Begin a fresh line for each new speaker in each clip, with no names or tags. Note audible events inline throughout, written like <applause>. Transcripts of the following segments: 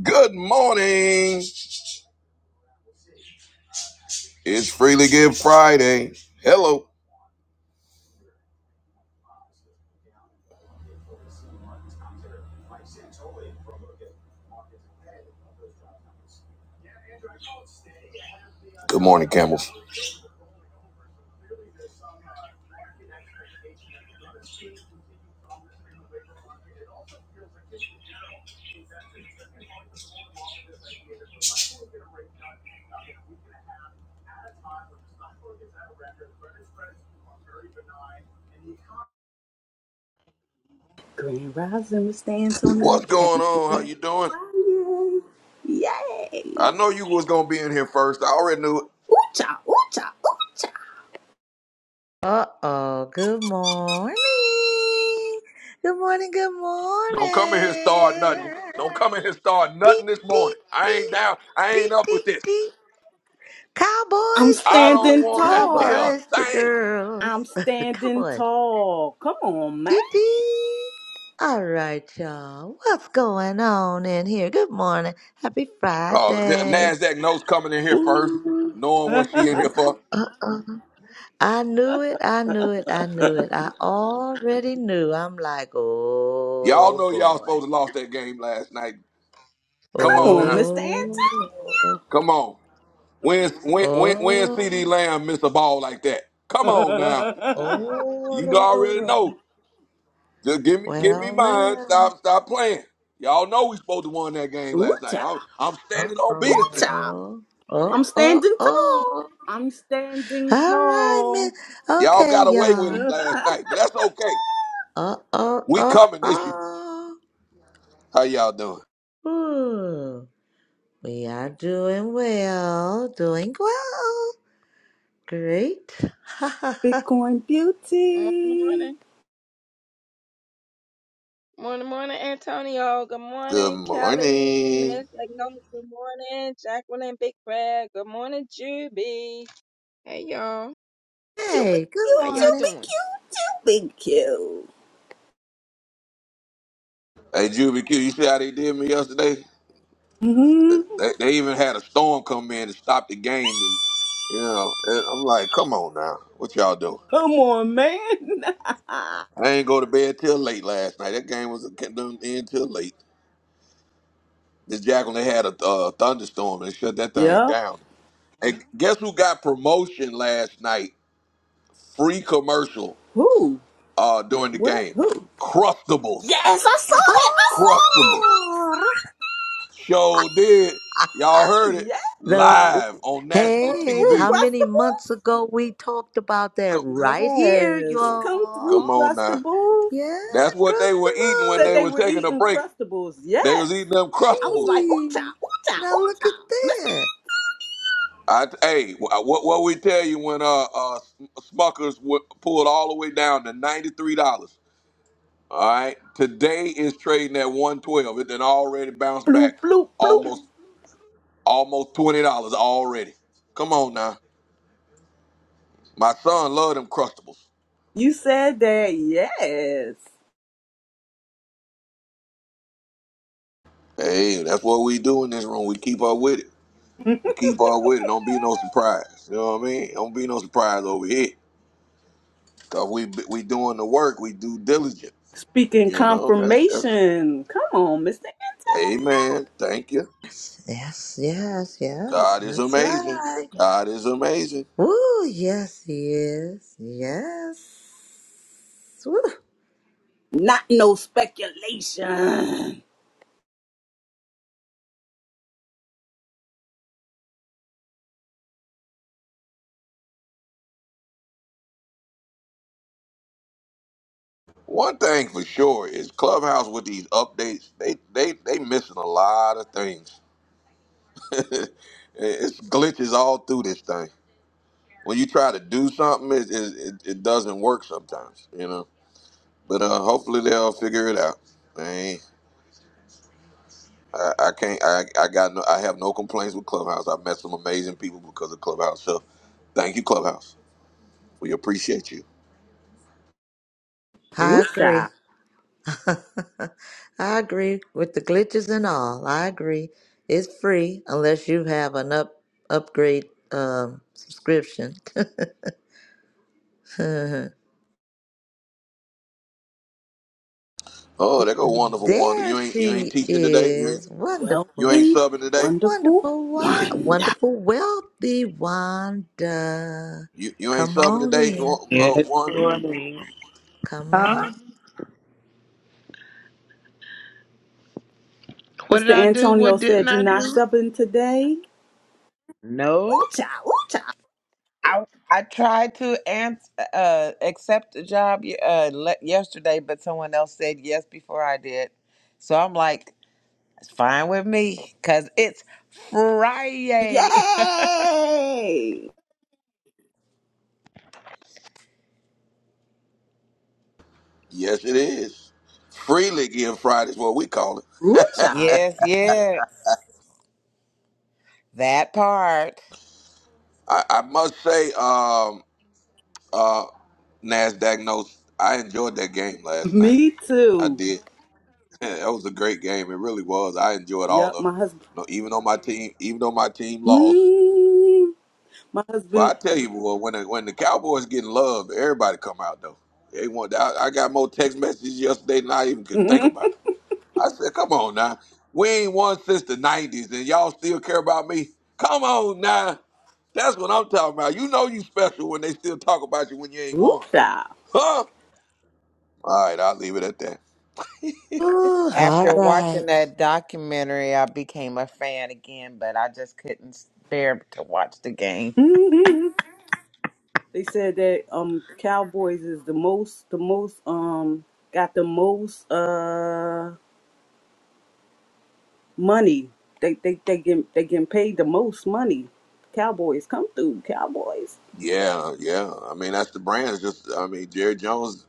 Good morning. It's Freely Give Friday. Hello. Good morning, Camels.
Grand Rising with Stan Antonio.
What's going
Happy
on? How
Friday.
you doing?
Yay!
I know you was gonna be in here first. I already knew it.
Ooh-cha, ooh-cha, ooh-cha.
Uh-oh, good morning. Good morning, good
Don't come in here and start
morning.
nothing. Don't come in here and start nothing
Deep,
this
deep,
morning. I ain't
deep,
down. I ain't
deep,
up
deep,
with this.
deep.
I'm
Cowboys,
I
cowboy,
don't
standing
want to <laughs> hear
tall.
a
cowboys to
thing.
I'm
girls. <laughs>
standing
cowboys.
tall. Come on, man.
Dee dee. All right, y'all. What's going on in here? Good morning. Happy
Oh, N-
Friday.
Nasdaq knows coming in here first,
Ooh.
<laughs>
knowing what she
Come
in here for.
Uh-oh. I knew it, I knew it, I knew it. I already knew. I'm like,
Y'all
oh
know y'all
boy.
supposed to lost that game last night. Come on
on,
now.
Mr.
Oh,
Come on. When when when when CD
oh,
Lamb miss a ball like that? Come on now.
Antonio.
oh,
You know I
ro, ro,
already
ro.
know. Just give me give me
well,
mine.
well.
Stop stop playing. Y'all know we supposed to won that
<laughs>
game last night.
ooh-cha,
I'm I'm
Uh
standing on business.
ooh-cha.
oh. Oh,
I'm
oh,
standing tall.
oh.
I'm standing
All right, miss.
tall.
Y'all
Okay,
got away
<laughs>
with
y'all.
it last night, but that's okay.
Uh oh,
We
oh,
coming this year.
oh.
How y'all doing?
Ooh. We are doing well, doing well. Great. <laughs>
Bitcoin
Morning,
beauty.
morning, morning, morning, Antonio. Good
Good
morning, Kelly.
morning.
Nancy, Agnola. good morning, Jacqueline, and Big Brad. Good morning, Juby. Hey, y'all.
You be
Hey, good
How
cute,
y'all
you
morning.
be
doing?
cute, you be cute.
Hey Juby Q, you see how they did me yesterday?
Mm-hmm.
They, they even had a storm come in to stop the game. And, you know, and I'm like, come on now. What y'all doing?
Come on, man. <laughs>
I ain't go to bed till late last night. That game was kept them in till late. This Jack when they had a uh, thunderstorm and shut that thing
yeah.
down. And guess who got promotion last night? Free commercial
Who?
uh, during the
What?
game.
Who?
Crustables.
Yes, I saw that. I saw
Crustables.
that.
Oh,
Show did.
<laughs>
Y'all heard it
Yes,
those.
live on national
Hey,
through
how
TV.
many
crustables.
months ago we talked about that
Come,
right here,
Yes,
come,
come through
come
y'all?
on now.
crustables.
Yeah,
That's what they
cross the
were eating when
Said
they
road.
they
were
were
taking a
eating
break.
crustables.
They
Yes.
was eating them
I was
Crustables.
like, ooh-cha,
Gee,
ooh-cha,
now look
ooh-cha.
at
Mr.
that.
I, hey, what what we tell you when uh uh Smuckers w- pulled all the way down to ninety three dollars. All right, today is trading at one twelve. It then already bounced back
Bloop, bloop, bloop.
almost almost twenty dollars already. Come on now, my son love them crustables.
You said that. Yes.
Hey, that's what we do in this room. We keep up with it. We keep up with it. Don't be no surprise. You know what I mean? Don't be no surprise over here. Cause we we doing the work. We do diligent.
Speaking
You know that's that's.
confirmation. Come on, Mr.
Amen. Thank you.
Yes, yes, yes.
God is
That's
amazing.
right.
God is amazing.
Woo, yes, he is. Yes. Woo,
Not no speculation.
One thing for sure is Clubhouse with these updates, they they they missing a lot of things. <laughs> it's glitches all through this thing. When you try to do something, it it, it, it doesn't work sometimes, you know. But uh, hopefully they'll figure it out. Man, I I can't. I, I got. No, I have no complaints with Clubhouse. I met some amazing people because of Clubhouse. So, thank you, Clubhouse. We appreciate you.
I agree.
Ooh-cha.
<laughs> I agree with the glitches and all. I agree. It's free unless you have an up upgrade um, subscription. <laughs> there
Oh, there go wonderful Wanda. You ain't you ain't
she
teaching today. You ain't,
is.
You
Wonderful.
ain't
wealthy,
subbing today?
wonderful
Wonderful Wa-
wonder.
wonderful wealthy Wanda.
You you ain't
Come
subbing
on
today,
in.
Wa- uh,
Good
Wanda?
morning.
Come
Huh?
on.
What did
Mr.
I do?
Antonio
What didn't
said, You're
I
not
do?
subbing today?
No,
Ooh-cha, ooh-cha.
I I tried to ans uh, accept the job ye- uh, le- yesterday, but someone else said yes before I did. So I'm like, it's fine with me because it's Friday.
Yay!
Yes, it is. Freely give Friday is what we call it.
<laughs>
Ooh-cha.
yes, yes. That part.
I, I must say, um, uh, Nasdaq notes. I enjoyed that game last night.
Me
I
too.
did. <laughs> that was a great game. It really was. I enjoyed all
Yup,
of
my
it.
husband.
No, even though my team, even though my team lost.
Mm, my
Well,
husband.
I tell you, boy, when the, when the Cowboys getting love, everybody come out though. They want. I, I got more text messages yesterday than I even could think about. I said, come on now. We ain't won since the 90s and y'all still care about me? Come on now. That's what I'm talking about. You know you special when they still talk about you when you
<laughs>
ain't won.
Ooh-cha.
Huh? All right, I'll leave it at that.
Ooh, all
After watching
right.
that documentary, I became a fan again, but I just couldn't bear to watch the game.
Hmm. they said that um Cowboys is the most, the most, um, got the most, uh, money. They they they get they getting paid the most money. Cowboys come through. Cowboys.
Yeah, yeah. I mean, that's the brand. It's just, I mean, Jerry Jones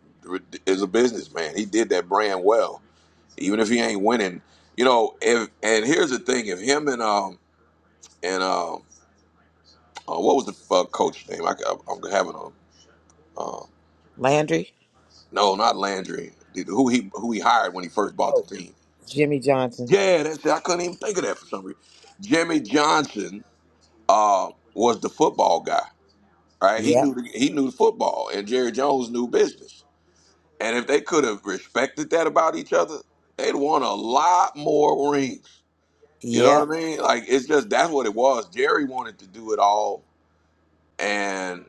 is a businessman. He did that brand well, even if he ain't winning. You know, if and here's the thing: if him and um and um uh, what was the uh, coach name? I, I'm having a uh,
Landry?
No, not Landry. Who he who he hired when he first bought
Oh,
the team?
Jimmy Johnson.
Yeah, that's I couldn't even think of that for some reason. Jimmy Johnson uh, was the football guy, right? He
Yep.
knew the, he knew football, and Jerry Jones knew business. And if they could have respected that about each other, they'd won a lot more rings. You know
Yeah,
what I mean? Like it's just that's what it was. Jerry wanted to do it all, and.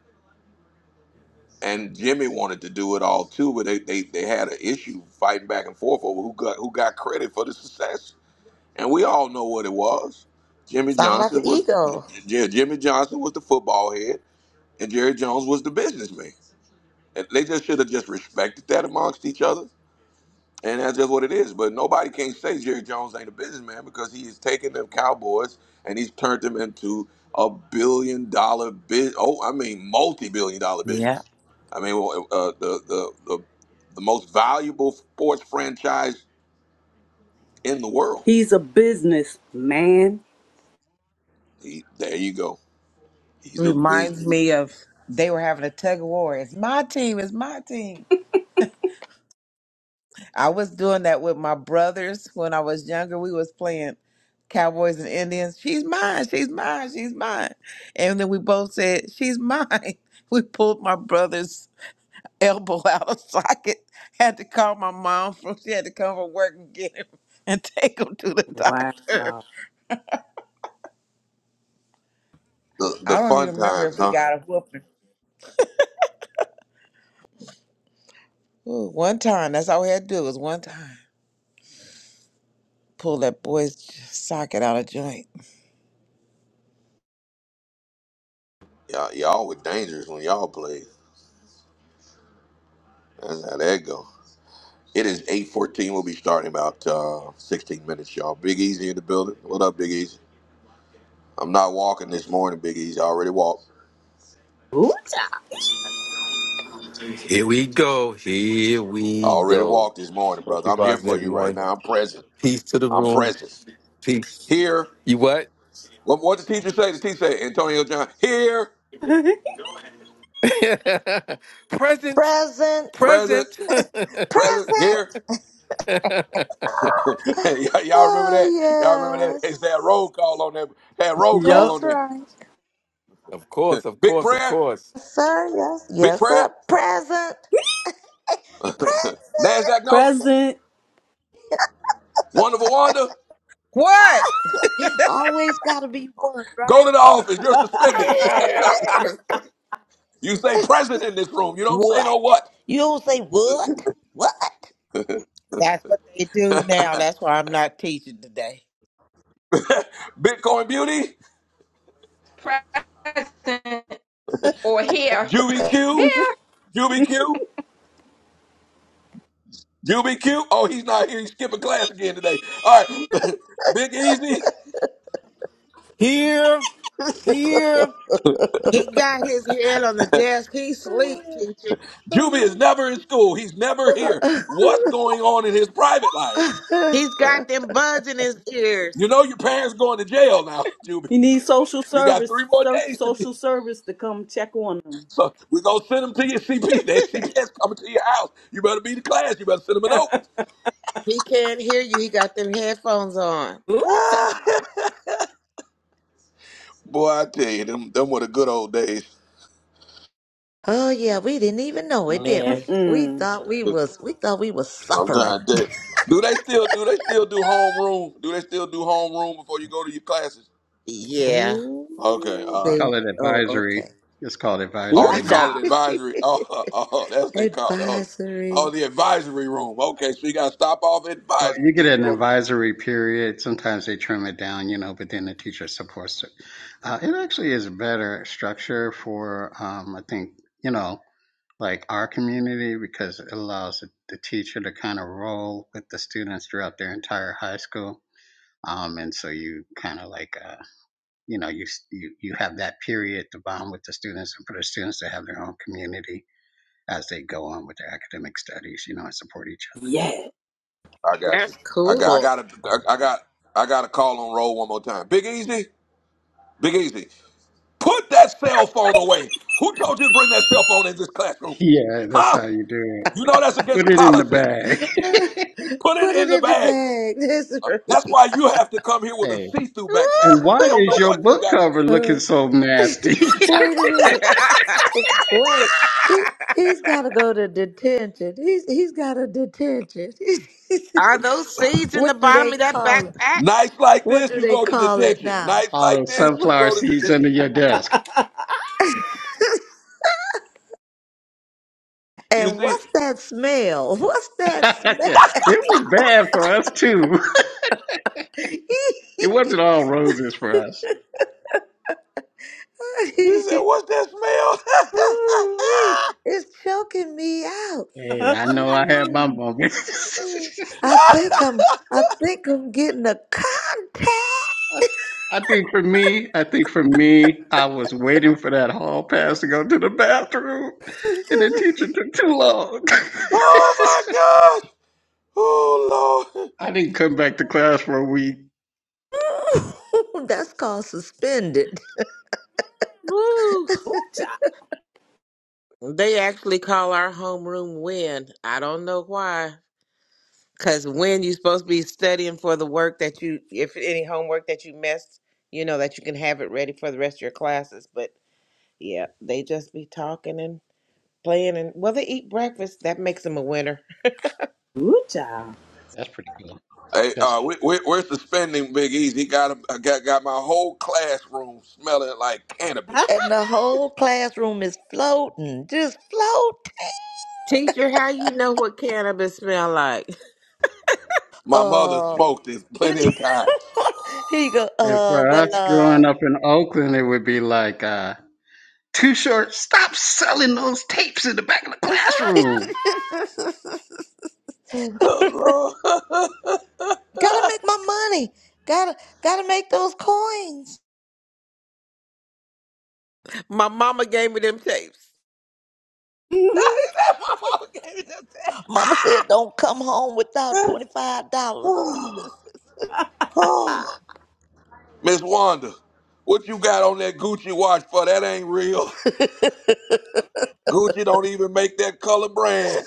and Jimmy wanted to do it all too, but they, they, they had an issue fighting back and forth over who got who got credit for the success. And we all know what it was. Jimmy
Sound like an
Johnson was
ego.
yeah, Jimmy Johnson was the football head, and Jerry Jones was the businessman. And they just should have just respected that amongst each other and that's just what it is. But nobody can say Jerry Jones ain't a businessman because he has taken them Cowboys and he's turned them into a billion dollar biz. Oh, I mean, multi billion dollar
yeah.
business. I mean, well, uh, uh, the, the the the most valuable sports franchise in the world.
He's a businessman.
He, there you go. He's a
Reminds
business.
me of they were having a tug of war. It's my team. It's my team. I was doing that with my brothers when I was younger. We was playing Cowboys and Indians. She's mine. She's mine. She's mine. And then we both said, "She's mine." <laughs> We pulled my brother's elbow <laughs> out of socket. Had to call my mom from. She had to come from work and get him <laughs> and take him to the
Wow.
doctor.
The
I
the
don't
fun
even remember if
times,
we
huh?
got a whooping. Ooh, one time. That's all we had to do was one time. Pull that boy's socket out of joint.
Y'all, y'all were dangerous when y'all played. That's how that go. It is 8.14. We'll be starting about uh, 16 minutes, y'all. Big Easy in the building. What up, Big Easy? I'm not walking this morning, Big Easy. I already walked.
What?
Here we go. Here
I
we
already
go.
walked this morning,
Hope
brother.
you
I'm here
guys and
for you right
everyone.
now. I'm present.
Peace to the
I'm
room.
present.
Peace.
Here.
You what?
What what the teacher say? The teacher say, Antonio John, here,
<laughs> present.
Present.
present,
Present. <laughs>
present, here.
Present.
<laughs>
<gasps>
y'all, y'all remember that? Y'all remember
Oh
that? It's that
yes.
roll call on there. Had roll call
That's
Yup.
on there.
right.
of course, of
Big
course, of
prayer,
course.
Yes, Sir, yes.
big
Yes,
prayer,
sir. Present. Present.
NASDAQ notes,
President.
wonderful wonder.
What?
Always got to be one,
Go to
right?
the office. You're suspended.
Uh,
You say present in this room. You don't say no
What?
what.
You don't say what? What?
That's what they do now. That's why I'm not teaching today.
Bitcoin Beauty,
present or here?
Juvie
Here.
Q, Juby Q. Oh, he's not here. He's skipping class again today. All right. <laughs> Big Easy.
Here. Here.
He got his head on the desk. He sleep, teacher.
Juby is never in school. He's never here. What's going on in his private life?
He's got
<laughs>
them buds in his ears.
You know your parents going to jail now, <laughs> Juby.
He needs social
You got
service.
three more
Surf
days to be.
social
<laughs>
service to come check on him.
So we're gonna send them to your CP. That CPS <laughs> coming to your house. You better be the class. You better send them a note.
He can't hear you. He got them headphones on.
Ooh child.
Boy, I tell you, them them were the good old days.
oh yeah, we didn't even know it, did
Man,
we? We
Mm-mm.
thought we
<laughs>
was we thought we was
I'm dying
suffering.
dead. Do they still do they still do homeroom? Do they still do homeroom before you go to your classes?
yeah,
Oh,
Okay, all
They
right.
they
call it
oh okay.
advisory. It's called
Ooh
Oh,
advisory
they
<laughs>
now.
call it
child.
advisory. Oh, <laughs> oh, that's what they call it. Oh, oh,
Advisory. <laughs>
the advisory room. Okay, so you got to stop off at
Well,
advisory.
you get
Then you
an
go to.
advisory period. Sometimes they trim it down, you know, but then the teacher supports it. Uh, it actually is a better structure for, um, I think, you know, like our community because it allows the the teacher to kind of roll with the students throughout their entire high school. Um, and so you kind of like, uh, you know, you, you you have that period to bond with the students and for the students to have their own community as they go on with their academic studies, you know, and support each
Yeah.
I got
that's
you. I got. I
cool. <laughs>
got. A, I I got. I got a call on roll one more time. Big Easy. Big Easy. Put that cell phone away. Who told you to bring that cell phone in this
other.
classroom?
Yeah, that's
Huh?
how you do it.
You know that's against
Put
the
it in the
policy.
bag.
Put it
Put it
in the
in the
bag.
bag.
That's why you have to come here
<laughs>
with a
hey,
see-through backpack.
and
'cause We
why
don't
is
know
your
what you
book
got in
cover
<laughs> That's
there.
looking
right.
so nasty? <laughs>
Wait a minute. Wait. He he's gotta go to detention. He's he's got a detention.
Are those
<laughs>
seeds in the
what do
bottom
they
of that
call it?
backpack?
Nights like
What
this,
do
you
they
go to
call it
detention.
now?
Nights
All
like
those
And
this, you
wh-
sunflower
go to
seeds under
detention.
your desk.
You
and
see,
what's that smell? <laughs> What's
<laughs> yeah,
that smell? <laughs>
it was bad for us too. <laughs> it wasn't all roses for us.
he said, What's that smell?
Ooh-wee, it's choking me out.
Hey, I know I had my
Mm.
moments. <laughs>
I think I'm I think I'm getting a contact.
I think for me, I think for me, I was waiting for that hall pass to go to the bathroom, and the teacher took too long. <laughs>
<laughs> oh my gosh. Oh Lord.
I didn't come back to class for a week.
<laughs> That's called suspended.
Woo.
Ooh child.
They actually call our homeroom Win. I don't know why. Because when you're supposed to be studying for the work that you, if any homework that you missed, you know, that you can have it ready for the rest of your classes. But yeah, they just be talking and playing. And well, they eat breakfast. That makes them a winner.
Ooh child.
That's pretty cool.
Hey,
That's
uh, we, we, we're suspending Big Easy. He got, him- I got got my whole classroom smelling like cannabis.
and the whole classroom is floating, just float.
Teacher, how you know what cannabis smell like?
My mother
Uh,
smoked it
<laughs>
plenty of times.
here you go.
And
Uh,
for
well,
us
uh,
growing up in Oakland, it would be like, uh, too short, stop selling those tapes in the back of the classroom.
<laughs>
Oh, Lord.
gotta make my money. Gotta, gotta make those coins.
<laughs> My mama gave me them tapes.
<laughs> my mama gave me that thing. <sighs>
Mama said, don't come home without twenty five dollars.
Oh, Miss Wanda, what you got on that Gucci watch for? That ain't real.
<laughs>
<laughs> Gucci don't even make that color brand.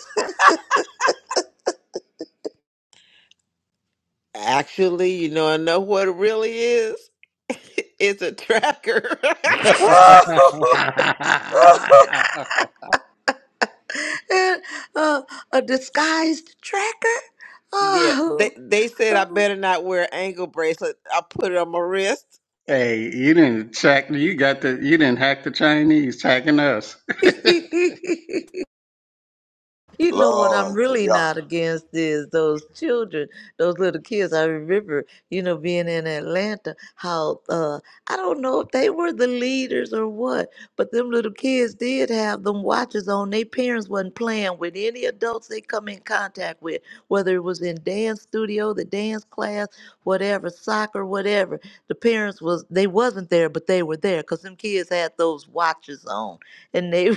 Actually, you know, I know what it really is. <laughs> it's a tracker. <laughs>
<laughs>
and uh, a disguised tracker.
Yeah, they
Oh.
they said I better not wear an ankle bracelet. I put it on my wrist.
hey, you didn't check, you got the, you didn't hack the Chinese hacking us.
<laughs>
<laughs>
You know what I'm
Lord,
really
yeah.
not against is those children, those little kids. I remember, you know, being in Atlanta, how uh I don't know if they were the leaders or what, but them little kids did have them watches on. Their parents wasn't playing with any adults they come in contact with, whether it was in dance studio, the dance class, whatever, soccer, whatever. The parents was they wasn't there, but they were there because them kids had those watches on. And they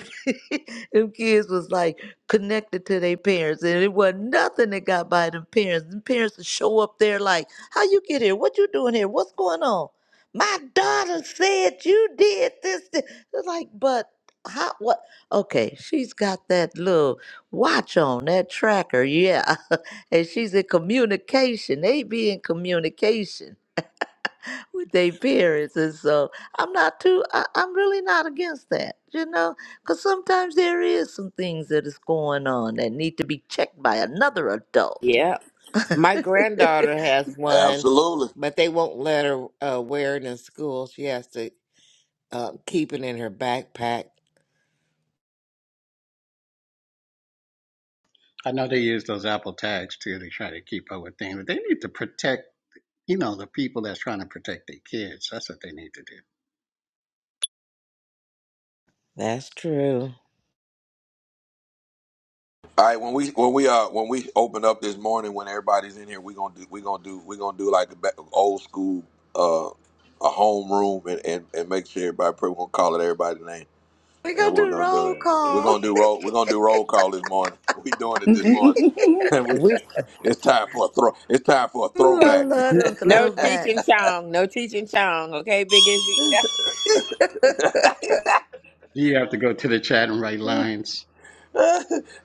<laughs> them kids was like connected to their parents, and it wasn't nothing that got by them parents. The parents would show up there like, "How you get here? What you doing here? What's going on?" My daughter said you did this. thi-" It's like, but how? What? Okay, she's got that little watch on that tracker, yeah, <laughs> and she's in communication. They be in communication with their parents and so i'm not too I, i'm really not against that you know because sometimes there is some things that is going on that need to be checked by another adult
Yeah. My
<laughs>
granddaughter has one,
Absolutely.
but they won't let her uh, wear it in school. She has to uh, keep it in her backpack.
I know they use those Apple tags too to try to keep up with things, but they need to protect, you know, the people that's trying to protect their kids. That's what they need to do.
That's true.
All right, when we when we uh when we open up this morning, when everybody's in here, we gonna do we gonna do we gonna do like a ba- old school uh a home room and, and, and make sure everybody pray. We're gonna call it everybody's name,
we
and
gonna
we're
do
gonna do
roll
it. We're
call
gonna do roll. We're gonna do roll call this morning. <laughs> We doing it this morning, <laughs>
<laughs>
and we
We
it's time for a throw. It's time for a
Ooh, i
throwback.
love them
n-
<laughs>
no teaching
throwbacks
Chong, no teaching Chong. Okay, Big Izzy. <laughs>
<laughs>
You have to go to the chat and write lines.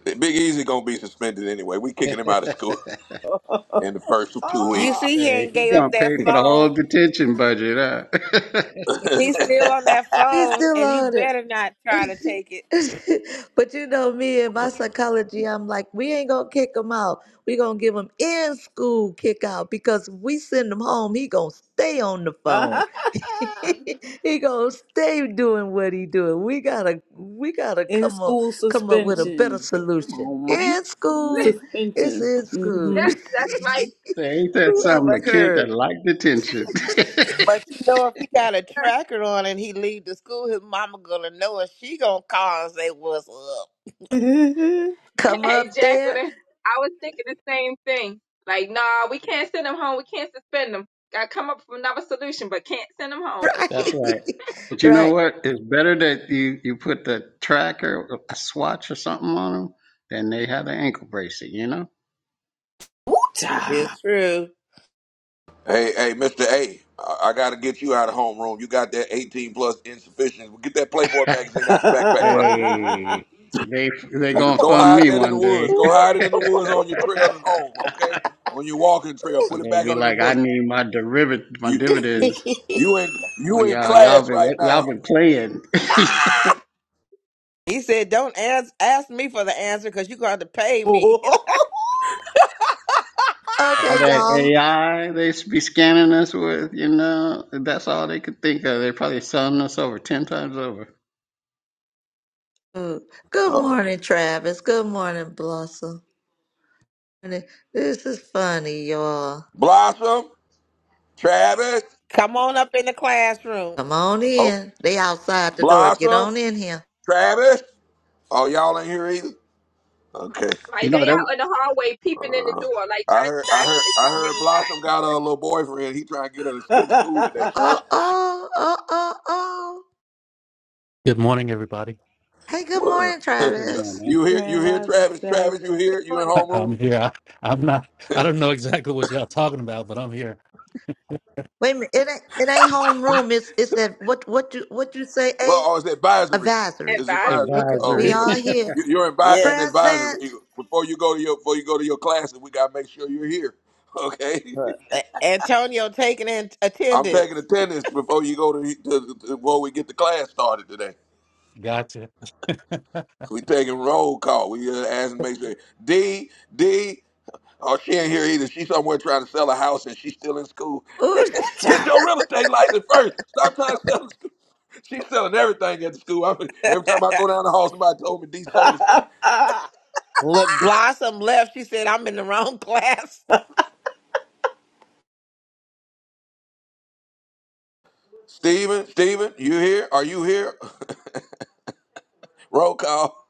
Big Easy gonna be suspended anyway. We
<laughs> hey,
kicking him out of school <laughs> in the first two
You
weeks.
oh.
see, he ain't
you're
gave up
gonna pay
that
for the whole
phone.
detention budget, huh? <laughs>
He's still on that
we
phone,
still
and you
on it
better not try to take it.
<laughs> but you know me and my psychology i'm like we ain't gonna kick him out we gonna give him in school kick out because if we send him home he gonna stay on the phone
<laughs>
<laughs> he gonna stay doing what he doing. We gotta we gotta
In
come up
school
come up with a better
suspension. Come
solution.
on, man.
In
<laughs>
school, it's
Suspension.
in school.
Mm-hmm.
That's that's
Say, ain't
<laughs>
that
Who
something?
ever
A kid that
heard?
like detention. <laughs>
But you know, if he got a
right.
tracker on and he leave the school, his mama gonna know, and she gonna call and say, "What's up?"
<laughs>
<laughs>
Come
Hey,
up there,
Jacqueline. I was thinking the same thing. Like, nah, we can't send them home. We can't suspend them. Got to come up with another solution, but can't send them
<laughs>
home.
right?
that's
Mm-mm.
right. But
<laughs>
you know
right.
what? It's better that you you put the tracker, a swatch or something on them, than they have an ankle bracelet. You know.
Ooh-cha.
It's true.
Hey, hey, Mr. A, I, I got to get you out of homeroom. You got that 18 plus insufficient. Get that Playboy
<laughs>
magazine out your backpack, bro.
Hey,
<laughs>
they they gonna
Go
fund
hide
me
that in the
one day.
woods.
Woo.
Go hide it
<laughs>
in the woods on your trail to home, okay? On your walking trail. Put
I'm
it
gonna
back
be
under the
like, I
bush.
need my derivative, my
You
<laughs>
dividends.
okay,
you in
Oh,
you in
y'all, y'all
class
been
right
y'all
now.
been playing <laughs>
He said, "Don't ask ask me for the answer because you gonna have to pay me.
all that
y'all.
AI they s- be scanning us with. You know, that's all they could think of. They're probably selling us over ten times over.
Mm. Good
Uh,
morning, Travis. Good morning, Blossom. Morning. This is funny, y'all.
Blossom, Travis.
<laughs> Come on up in the classroom."
Come on
Oh,
in. They outside the door. Get
Blossom,
on in here.
Travis. Oh, y'all ain't here either. Okay.
You
Like they
know that.
out
w-
in the hallway peeping in the door, like trying
I
to
heard I
decide should
heard
they
I
come in
heard
or
Blossom got a little boyfriend. He trying to get her to skip school today.
Oh, oh, oh, oh, oh.
Good morning, everybody.
Hey, good
What?
morning,
<laughs>
Good
Travis.
morning,
you hear? You
Grand
hear,
Rising
Travis?
Fab.
Travis, you hear?
not.
You in
Morning.
<laughs>
homeroom?
I'm here. I, I'm not. I
<laughs>
don't know exactly what y'all talking about, but I'm here.
Wait a minute, it ain't it ain't homeroom. It's it's that what what you what you say?
well,
A
oh, it's advisory.
advisory.
It's advisory.
Advisory.
Okay,
Oh, we
we
advisory.
He,
good.
all here
You- You're in,
yeah,
in advisory.
present.
You- Before you go to your before you go to your classes, we gotta make sure you're here. <laughs> Okay.
but- A- Antonio taking in
I'm taking
attendance.
attendance before you go to, to, to before we get the class started today.
Gotcha.
We taking roll call. We uh, asking make sure D D. Oh, she ain't here either. She's somewhere trying to sell a house and she's still in school. <laughs>
Ooh,
Get
Ooh-cha.
your real estate license first. Stop trying to sell. She's selling everything at the school. I, every time I go
<laughs>
down the hall, somebody told me D sold or
<laughs>
something.
Look, Blossom left. She said, "I'm in the wrong <laughs> class."
Steven, Steven, you here? Are you here? <laughs> Roll call.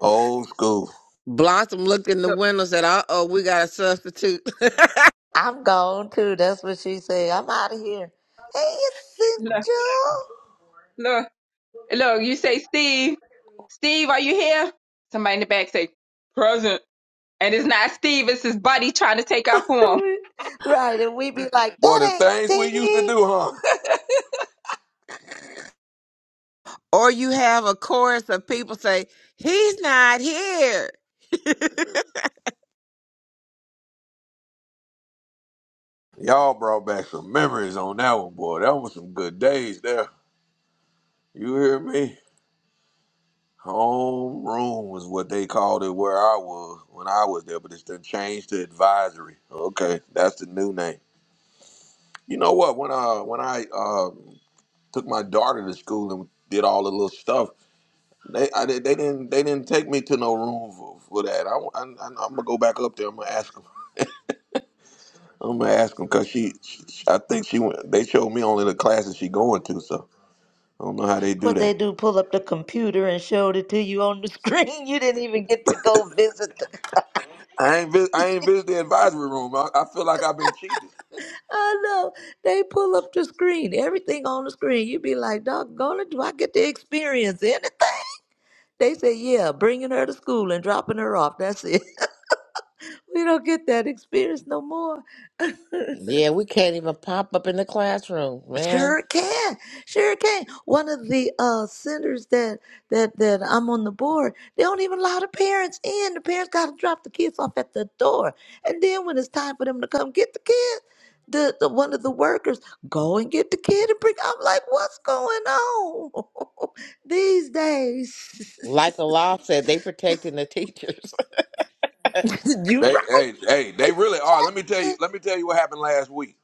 Old school.
Blossom looked in the
Look,
window, said, "Uh oh, we got a substitute." <laughs>
I'm gone too. That's what she said. I'm out of here. Hey, it's
look,
Joe.
look, look. You say, Steve, Steve, are you here? Somebody in the back say, present. And it's not Steve, it's his buddy trying to take our form. for him.
<laughs> Right, and we be like,
Boy, the
that ain't
things we used to
Steve.
do, huh?
Or you have a chorus of people say, He's not here. <laughs>
<laughs> Y'all brought back some memories on that one, boy. That was some good days there. You hear me? Home room was what they called it where I was when I was there, but it's been changed to advisory. Okay, that's the new name. You know what? When uh when I uh took my daughter to school and did all the little stuff They, I, they didn't they didn't take me to no room for, for that. I, am gonna go back up there. I'm gonna ask them. I'm gonna ask them because she, she, I think she went. They showed me only the classes she going to, so I don't know how they do
What they
that.
do? Pull up the computer and showed it to you on the <laughs> screen. You didn't even get to go visit
I ain't vis- I ain't visit the advisory room. I, I feel like I've been cheated.
I know they pull up the screen, everything on the screen. You be like, doggone it, do I get to experience anything? They say, yeah, bringing her to school and dropping her off. That's it. <laughs> We don't get that experience no more.
Yeah, we can't even pop up in the classroom, man.
Sure can. Sure can. One of the uh centers that that that I'm on the board, they don't even allow the parents in. The parents gotta drop the kids off at the door. And then when it's time for them to come get the kid, the, the one of the workers go and get the kid and bring I'm like, what's going on <laughs> these days?
Like the law said, they protecting the teachers.
<laughs> you
They hey hey they really are. Let me tell you.
right.
Let me tell you what happened last week.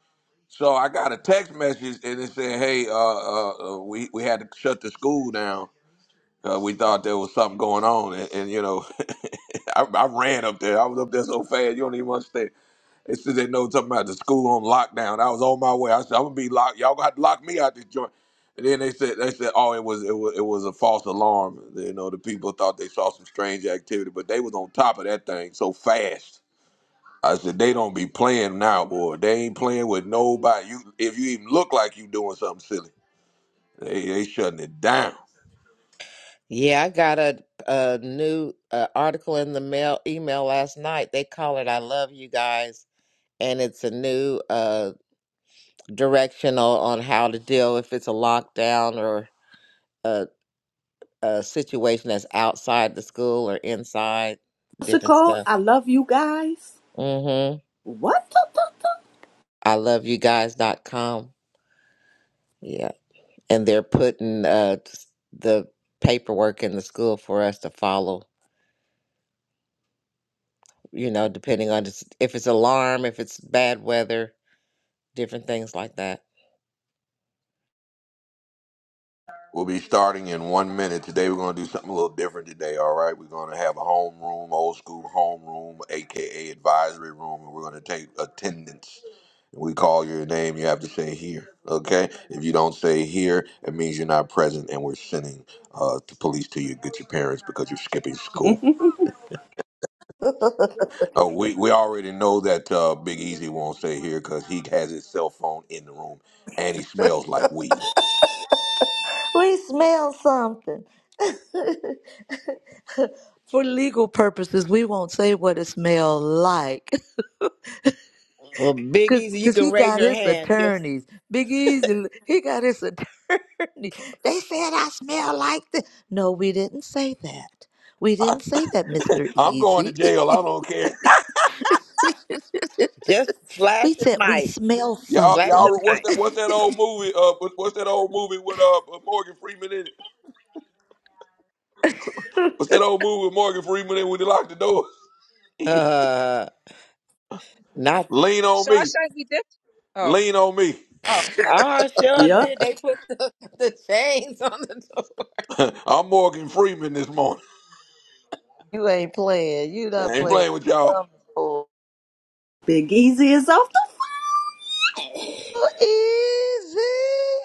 So I got a text message and it said, "Hey, uh, uh, uh we we had to shut the school down." Uh, we thought there was something going on, and, and you know, <laughs> I, I ran up there. I was up there so fast, you don't even understand. They said they know something about the school on lockdown. I was on my way. I said, I'm gonna be locked. Y'all got to lock me out this joint. And then they said they said, oh, it was it was it was a false alarm. You know, the people thought they saw some strange activity, but they was on top of that thing so fast. I said they don't be playing now, boy. They ain't playing with nobody. You if you even look like you doing something silly, they they shutting it down.
<laughs> yeah, I got a, a new uh, article in the mail email last night. They call it "I love you guys," and it's a new uh, directional on how to deal if it's a lockdown or a, a situation that's outside the school or inside
What's it
different
called?
stuff.
I love you guys.
Mm-hmm.
What the fuck?
I love you guys.com. Yeah. And they're putting uh, the paperwork in the school for us to follow, you know, depending on just- if it's alarm, if it's bad weather, different things like that.
We'll be starting in one minute. Today we're gonna do something a little different today, all right? We're gonna have a home room, old school home room, aka advisory room, and we're gonna take attendance. We call your name, you have to say here, okay? If you don't say here, it means you're not present and we're sending uh, the police to you, get your parents because you're skipping school. Oh, we, we already know that uh, Big Easy won't stay here because he has his cell phone in the room and he smells like weed.
we smell something. <laughs> For legal purposes, we won't say what it smelled like
Well, Big
Cause,
Easy, you
Cause
can
he
raise
got
your
his
hand. Just
attorneys. Big Easy, he got his attorney. <laughs> They said I smell like this. No, we didn't say that. We didn't say that, Mr.
I'm going to
Easy.
jail. I don't care.
<laughs>
just
we
flash your
said we
mic.
smell
<laughs> Y'all,
Flash
something.
your
y'all, what's
mic.
that? What's that old movie? Uh, what- what's that old movie with uh Morgan Freeman in it? What's that old movie with Morgan Freeman in when he locked the door? <laughs>
Uh, not,
Lean on me,
Shawshank Redemption. Oh,
lean on me.
oh, okay.
Oh, sure
Yep.
did. they put the, the chains on the door.
<laughs> I'm Morgan Freeman this morning.
You ain't playing. You
I
not
ain't
playing.
playing with
You
y'all.
done- Oh,
Big Easy is off the f-
easy.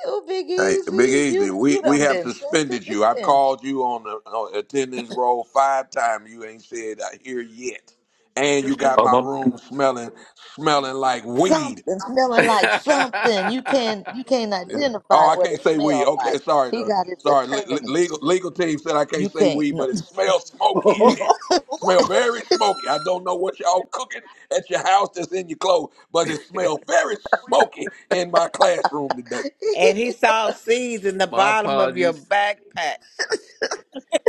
Oh, big
Hey, Big
easy.
Easy,
You
we,
you
we
done
have
been sent to
suspended you. I've
detention.
called you on the on attendance roll five times. You ain't said I hear yet, and you got
Oh,
my room smelling smelling like weed.
something smelling like
my.
something. You can you can't identify
Oh, I
what
can't
it
say weed.
smelled
Okay,
like.
sorry,
He
the,
got his
sorry. Le- le- legal
attorneys.
legal team said I can't
You
say
can't
weed,
no.
but it smells smoky in
<laughs>
here. Smell very smoky. I don't know what y'all cooking at your house that's in your clothes,
<laughs>
but it smells very smoky in my classroom today.
And he saw seeds in the
my
bottom of your
apologies.
backpack.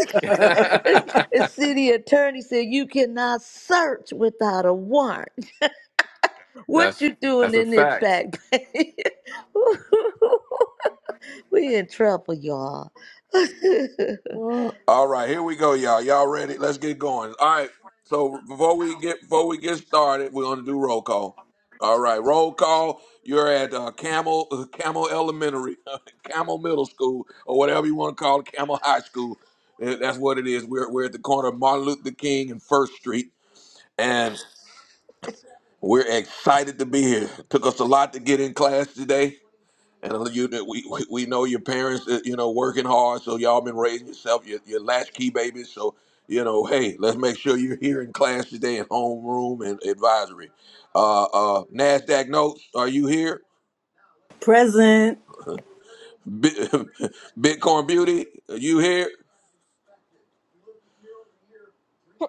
<laughs>
his, his city attorney said you cannot search without a warrant. What
that's
you doing
that's a
in this
fact.
back bay? <laughs> we in trouble, y'all. <laughs>
All right, here we go, y'all. Y'all ready? Let's get going. All right. So before we get before we get started, we're gonna do roll call. All right, roll call. You're at uh, Camel <laughs> uh, Camel Elementary, <laughs> Camel Middle School, or whatever you want to call it, Camel High School. Uh, That's what it is. We're we're at the corner of Martin Luther King and First Street, and we're excited to be here. Took us a lot to get in class today. And uh, you, we, we we know your parents, uh, you know, working hard, so y'all been raising yourself, your, your latchkey babies. So, you know, hey, let's make sure you're here in class today in homeroom and advisory. Uh, uh, NASDAQ notes, are you here?
present.
Bi- <laughs> Bitcoin Beauty, are you here?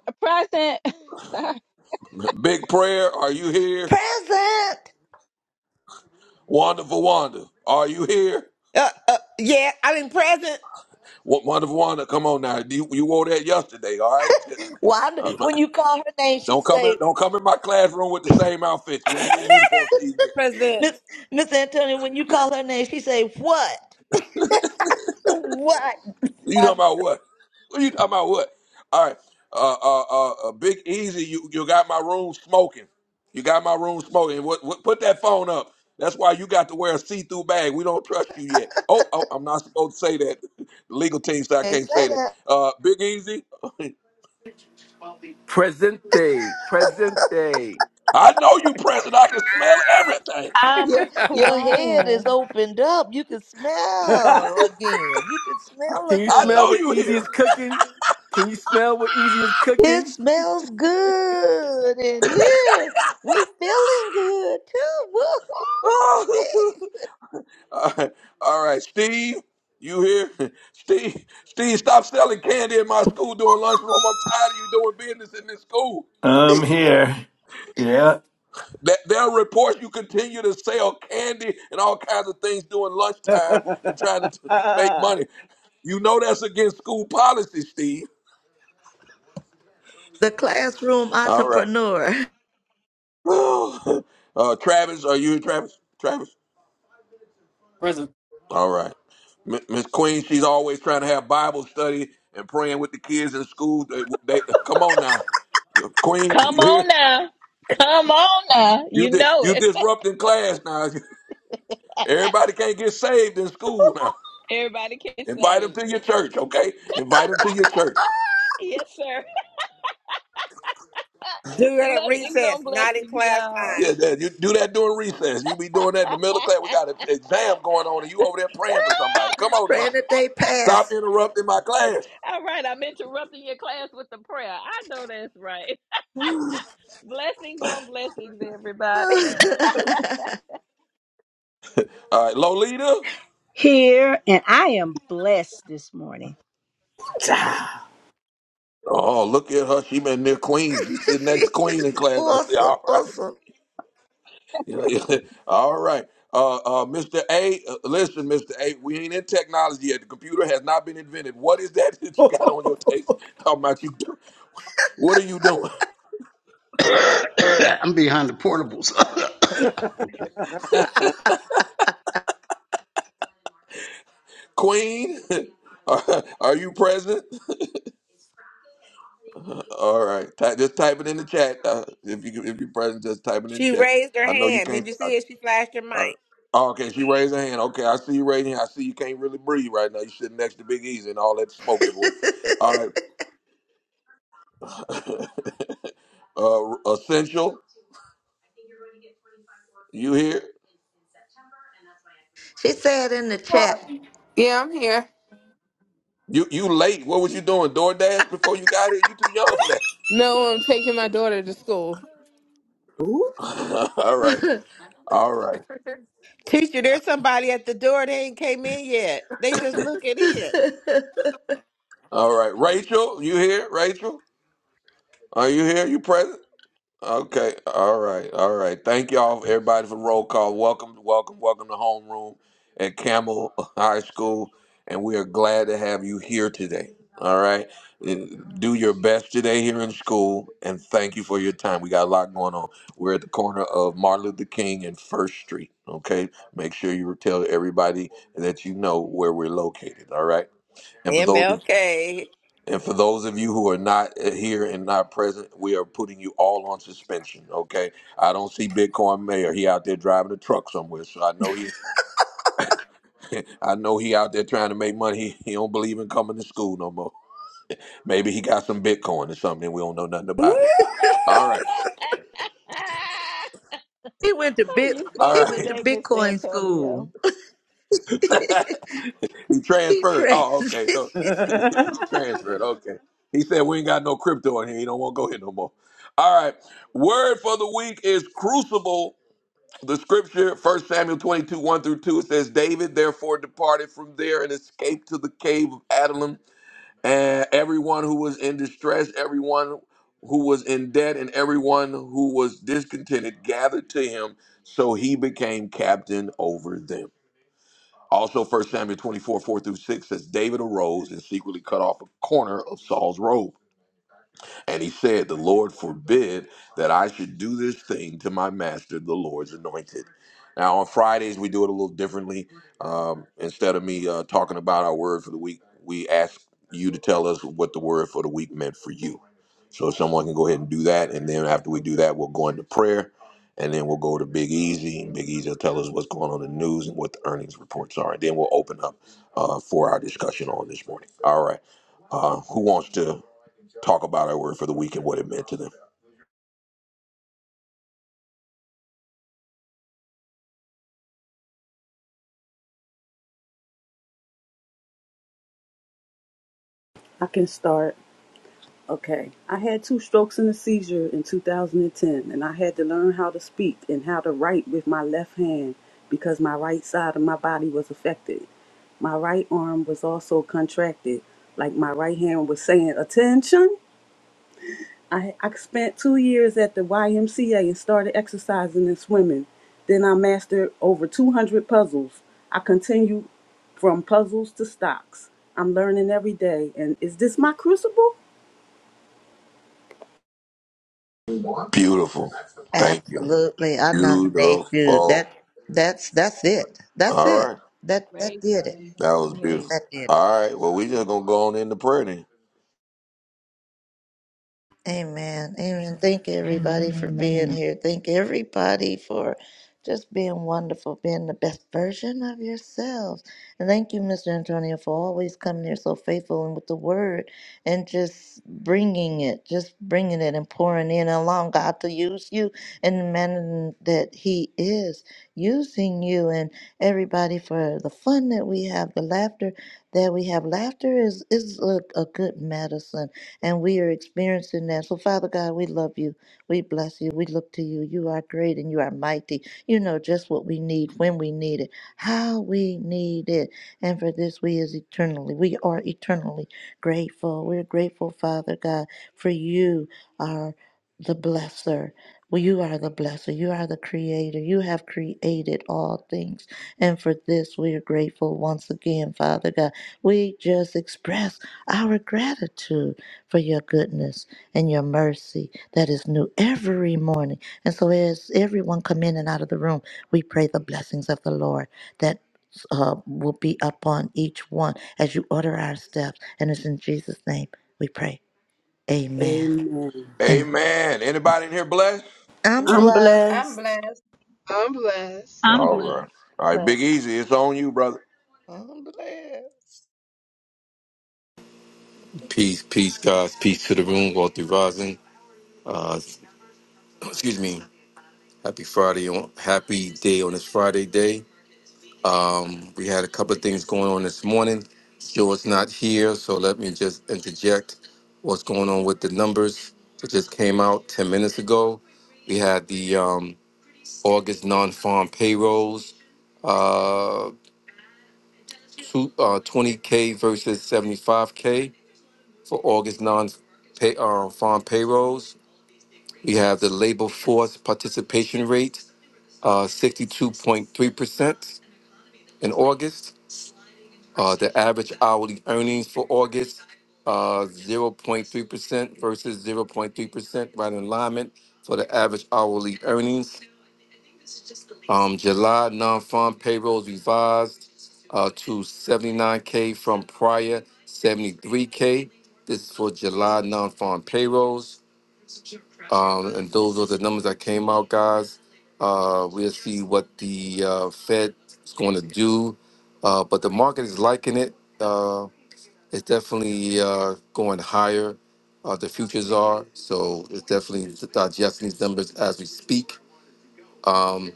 A present. <laughs> Sorry.
Big Prayer, are you here?
Present.
Wonderful Wanda, are you here?
Uh, uh, yeah, I mean present.
Wo- Wonderful Wanda, come on now. You, you wore that yesterday, all right? <laughs>
Why?
Uh,
d- When you call her name, she
Don't come in,
say,
don't come in my classroom with the same outfits. We ain't in uniform season yet.
Present
"Miss Miss Antonia." When you call her name, she say, "What? <laughs>
You talking
What?
about what? What you talking about what? All right. Uh uh uh, uh Big Easy, you, you got my room smoking. You got my room smoking. What, what put that phone up. That's why you got to wear a see-through bag. We don't trust you yet. Oh, oh I'm not supposed to say that. <laughs> The legal team said I
Okay,
can't
say
say that.
that.
Uh Big Easy, <laughs>
Presente. Presente.
I know you present. I can smell everything.
Your,
I'm
your
<laughs>
head is
crying.
opened up. You can smell again. You can smell
Can you
I
smell
again.
know
what
you
easy
here.
is cooking? Can you smell what easy is
It
cooking?
smells good in here. We feeling good too. Woo-hoo.
<laughs> <laughs> All right, all right, Steve, you here? <laughs> Steve, Steve, stop selling candy in my school during lunchroom. I'm tired of you doing business in this school.
I'm here. Yeah,
That there are reports you continue to sell candy and all kinds of things during lunchtime and trying to t- make money. You know that's against school policy, Steve.
The classroom
All right.
entrepreneur.
<sighs> uh, Travis, are you here, Travis? Travis?
Present.
All right. M- Miss Queen, she's always trying to have Bible study and praying with the kids in school. They, they- come on now. You- Queen,
Come
you
on
here?
now. Come on now.
You
You
di-
know
you
it.
disrupting class now. <laughs> Everybody can't get saved in school now.
Everybody can
Invite them
say,
to your church, okay? Invite them to your church.
yes, sir. <laughs>
during
Blessings
recess,
on
not in
blessings,
class
y'all.
time.
Yeah, that, you do that during recess. You be doing
<laughs>
that in the middle of class. We got an exam going on, and you over there praying for somebody. Come
<laughs>
on now.
Praying that they
Stop
pass.
interrupting my class.
All right, I'm interrupting your class with the prayer. I know that's right. <laughs> Blessings on blessings, everybody.
<laughs>
All right, Lolita.
Here, and I am blessed this morning.
Ooh-cha.
Oh, look at her. She been near Queens. You sit
She
next to Queen in
is
class. I say,
awesome,
all right. <laughs>
awesome.
Yeah, yeah. all right. Uh, uh, Mr. A, uh, listen, Mr. A, we ain't in technology yet. The computer has not been invented. What is that <laughs> that
<laughs>
you got on your taste? How about you? Do? What are you doing?
<coughs> I'm behind the portables. <coughs> okay.
<laughs> Queen, <laughs> are, are you present? <laughs> all right. Ty- just type it in the chat. Uh, if, you, if you're present, just type it in the
She
chat.
raised her
I know you
hand. Did
can't.
you see it? She flashed her
Uh,
mic.
oh, okay, she raised her hand. Okay, I see you raising. your hand. I see you can't really breathe right now. You sitting next to Big Easy and all that smoke
<laughs>
everywhere. All right, <laughs> uh, essential. You here?
she said in the chat,
Yeah, I'm here.
You you late? What was you doing? DoorDash before you got here? You too young for that.
No, I'm taking my daughter to school.
Ooh.
<laughs> all right, all right,
Teacher, there's somebody at the door. They ain't came in yet. They just looking in.
all right. Rachel, you here? Rachel, are you here? You present? Okay. All right. All right. Thank y'all, everybody, for roll call. Welcome, welcome, welcome to homeroom at Camel <laughs> High School, and we are glad to have you here today. All right. And Do your best today here in school, and thank you for your time. We got a lot going on. We're at the corner of Martin Luther King and First Street. Okay. Make sure you tell everybody that you know where we're located. All right. And for those of
MLK.
and for those of you who are not uh, here and not present, we are putting you all on suspension. Okay, I don't see Bitcoin Mayor. He out there driving a truck somewhere, so I know he, <laughs> I know he out there trying to make money. <laughs> He, he don't believe in coming to school no more. Maybe he got some Bitcoin or something. and We don't know nothing about it. All right,
Mm-hmm.
<laughs>
he went to
Oh,
bit
you
he
all
funny
went to
right.
today,
<laughs>
Mr.
Bitcoin
Antonio.
school.
He
<laughs> He
transferred.
trained.
Oh, okay.
<laughs>
<laughs> he transferred. Okay. He said we ain't got no crypto in here. He don't want to go here no more. All right. Word for the week is crucible The scripture, 1 Samuel 22, 1 through 2, it says, David therefore departed from there and escaped to the cave of Adullam. And everyone who was in distress, everyone who was in debt, and everyone who was discontented gathered to him. So he became captain over them. Also, 1 Samuel 24, 4 through 6 says, David arose and secretly cut off a corner of Saul's robe. And he said, The Lord forbid that I should do this thing to my master, the Lord's anointed. Now, on Fridays, we do it a little differently. Um, instead of me uh, talking about our word for the week, we ask you to tell us what the word for the week meant for you. So, if someone can go ahead and do that. And then after we do that, we'll go into prayer. And then we'll go to Big Easy, and Big Easy will tell us what's going on in the news and what the earnings reports are. And then we'll open up uh, for our discussion on this morning. All right. Uh, who wants to? talk about our word for the week and what it meant to them.
I can start. Okay. I had two strokes and a seizure in 2010, and ten, and I had to learn how to speak and how to write with my left hand because my right side of my body was affected. My right arm was also contracted, like my right hand was saying, Attention! I, I spent two years at the YMCA and started exercising and swimming. Then I mastered over 200 puzzles. I continue from puzzles to stocks. I'm learning every day, and is this my crucible?
Beautiful. Thank you.
Absolutely. I nominate you. That
Beautiful.
that's that's it. That's
All
it.
right.
That that
Great
did it.
That was
testimony.
beautiful.
That did it.
All right. Well, we just gonna go on into prayer then.
Amen. Amen. Thank you, everybody, for being here. Thank everybody for just being wonderful, being the best version of yourselves. And thank you, Mr. Antonio, for always coming here so faithful and with the word and just bringing it, just bringing it and pouring in, allowing God to use you in the manner that He is using you, and everybody for the fun that we have, the laughter that we have. Laughter is, is a, a good medicine and we are experiencing that. So, Father God, we love you. We bless you. We look to you. You are great and you are mighty. You know just what we need, when we need it, how we need it. And for this, we is eternally, we are eternally grateful. We're grateful, Father God, for you are the blesser. Well, you are the blesser. You are the creator. You have created all things. And for this, we are grateful once again, Father God. We just express our gratitude for your goodness and your mercy that is new every morning. And so, as everyone come in and out of the room, we pray the blessings of the Lord that uh, will be upon each one as you order our steps. And it's in Jesus' name we pray. Amen.
Amen.
Amen.
Amen. Anybody in here blessed?
I'm
Man,
I'm
blessed.
I'm
blessed.
blessed.
I'm blessed.
I'm
All
blessed.
right. All right,
Blessed.
Big Easy, it's on you, brother.
am blessed.
Peace, peace, guys. Peace to the room, Walter Rising. Uh, excuse me. Happy Friday on happy day on this Friday day. Um, we had a couple of things going on this morning. Joe's not here, so let me just interject what's going on with the numbers that just came out 10 minutes ago. We had the um, August non-farm payrolls. uh, two, uh, 20K versus 75K for August non pay, uh, farm payrolls. We have the labor force participation rate, uh, 62.3% in August. Uh, the average hourly earnings for August, uh, 0.3% versus 0.3%, right in alignment for the average hourly earnings. Um, July non-farm payrolls revised uh, to 79K from prior 73K. This is for July non-farm payrolls. Um, and those are the numbers that came out, guys. Uh, we'll see what the uh, Fed is going to do. Uh, but the market is liking it. Uh, it's definitely uh, going higher. Uh, the futures are. So it's definitely digesting these numbers as we speak. Um,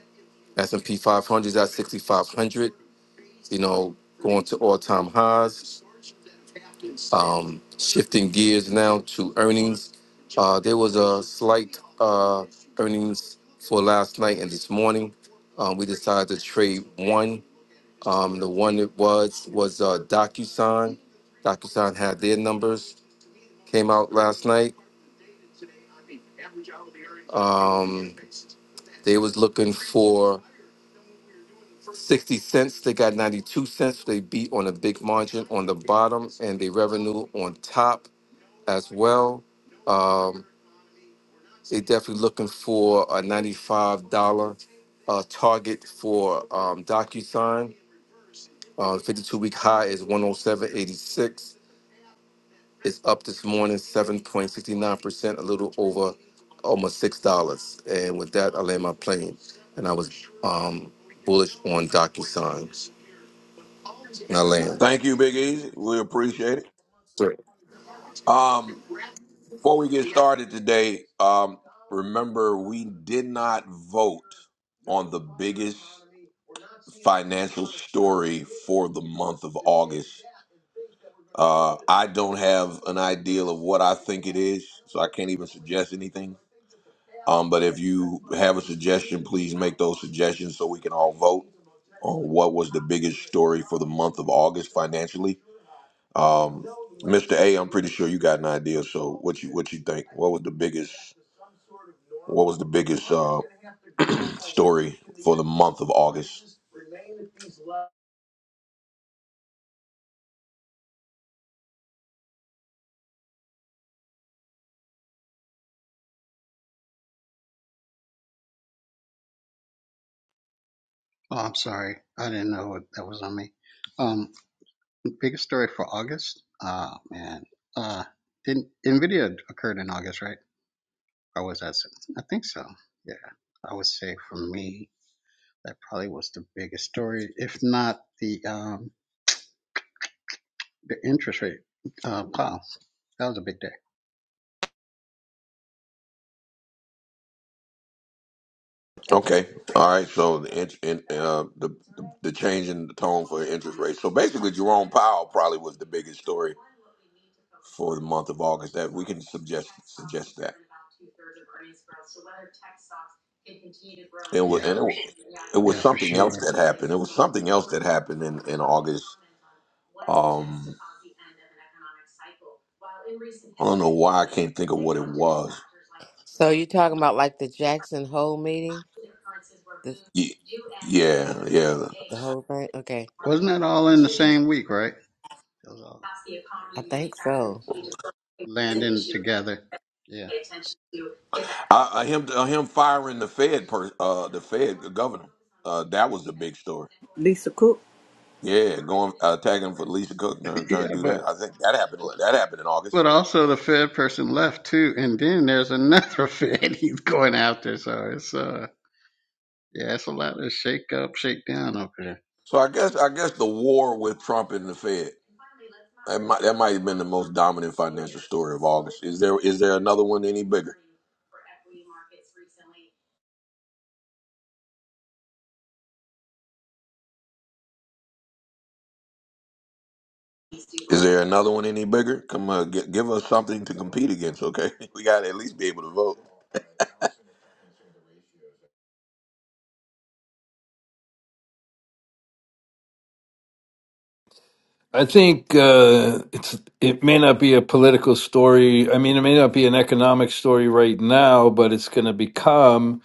S&P 500s at 6,500, you know, going to all-time highs. Um, shifting gears now to earnings. Uh, there was a slight uh, earnings for last night and this morning. Um, we decided to trade one. Um, the one that was was uh, DocuSign. DocuSign had their numbers came out last night. Um, they was looking for 60 cents. They got 92 cents. They beat on a big margin on the bottom and the revenue on top as well. Um, they definitely looking for a $95 uh, target for um, DocuSign. Uh, 52 week high is 107.86. It's up this morning 7.69%, a little over almost $6. And with that, I land my plane. And I was um, bullish on DocuSign. And I land.
Thank you, Big Easy. We appreciate it.
Sure.
Um, before we get started today, um, remember we did not vote on the biggest financial story for the month of August. Uh, I don't have an ideal of what I think it is, so I can't even suggest anything. Um, but if you have a suggestion, please make those suggestions so we can all vote on what was the biggest story for the month of August financially. Um, Mr. A, I'm pretty sure you got an idea. So what you what you think? What was the biggest? What was the biggest uh, <clears throat> story for the month of August?
Oh, I'm sorry. I didn't know what that was on me. Um, biggest story for August? Oh man. Uh didn't Nvidia occurred in August, right? Or was that I think so. Yeah. I would say for me that probably was the biggest story, if not the um the interest rate. Uh wow, that was a big day.
Okay. All right. So the int- in, uh, the the change in the tone for interest rates. So basically, Jerome Powell probably was the biggest story for the month of August. That we can suggest suggest that. It was,
Yeah,
and it,
for
wa-
s-
it was
yeah, for
something else
sure.
that happened. It was something else that happened in in August. Um, I don't know why I can't think of what it was.
So you talking about like the Jackson Hole meeting? The,
Ye- Yeah, yeah.
the whole thing? Okay.
Wasn't that all in the same week, right? It was all
I think so.
kind of landing together. Yeah.
Uh, uh, him, uh, him firing the Fed, per, uh, the Fed governor. Uh, that was the big story.
Lisa Cook,
Yeah, going uh, tagging for Lisa Cook, trying, trying to
Yeah,
do
but
that. I think that happened. That happened in August.
but also the Fed person left too, and then there's another <laughs> Fed he's going after. So it's uh, Yeah, it's a lot of shake up, shake down up there.
So I guess, I guess the war with Trump and the Fed. That might, that might have been the most dominant financial story of August. Is there, is there another one any bigger? Is there another one any bigger? Come on, gi- give us something to compete against. Okay, <laughs> we got to at least be able to vote. <laughs>
I think uh, it's it may not be a political story. I mean, it may not be an economic story right now, but it's going to become.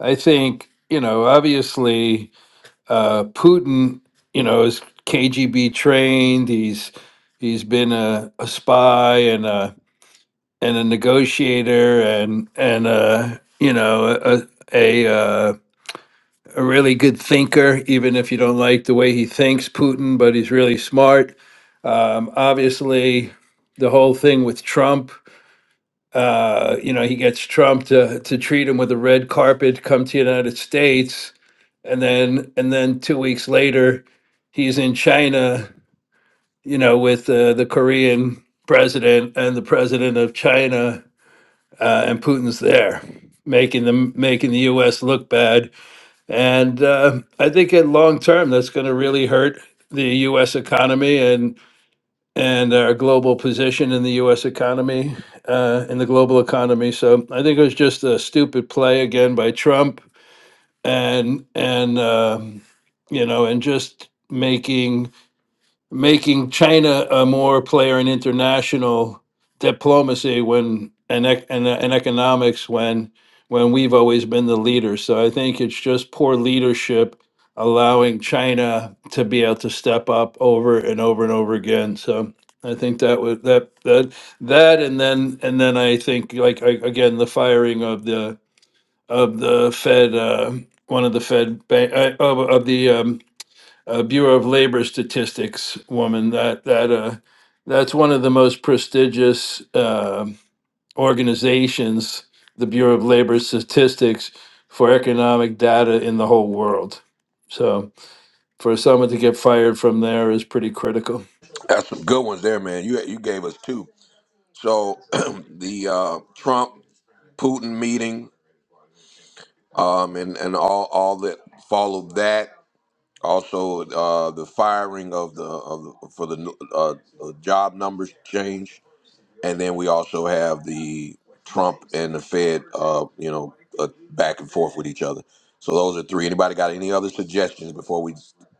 I think you know, obviously, uh, Putin, you know, is KGB trained. He's he's been a, a spy and a and a negotiator and and a you know a a, a uh, a really good thinker, even if you don't like the way he thinks, Putin, but he's really smart. Um, obviously, the whole thing with Trump, uh, you know, he gets Trump to, to treat him with a red carpet, come to the United States, and then and then two weeks later, he's in China, you know, with uh, the Korean president and the president of China, uh, and Putin's there, making them making the U.S. look bad and uh, I think in long term, that's going to really hurt the U.S. economy and and our global position in the U.S. economy, uh, in the global economy. So I think it was just a stupid play again by Trump, and and um, you know, and just making making China a more player in international diplomacy when and ec- and, and economics when when we've always been the leader. So I think it's just poor leadership allowing China to be able to step up over and over and over again. So I think that was that that that and then and then I think like I, again the firing of the of the Fed uh, one of the Fed bank uh, of, of the um, uh, Bureau of Labor Statistics woman. That that uh, that's one of the most prestigious uh, organizations, the Bureau of Labor Statistics, for economic data in the whole world. So for someone to get fired from there is pretty critical.
That's some good ones there, man. You, you gave us two. So <clears throat> the uh, Trump Putin meeting um, and and all all that followed that. Also, uh, the firing of the, of the for the uh, uh, job numbers change, and then we also have the Trump and the Fed, uh, you know, uh, back and forth with each other. So those are three. Anybody got any other suggestions before we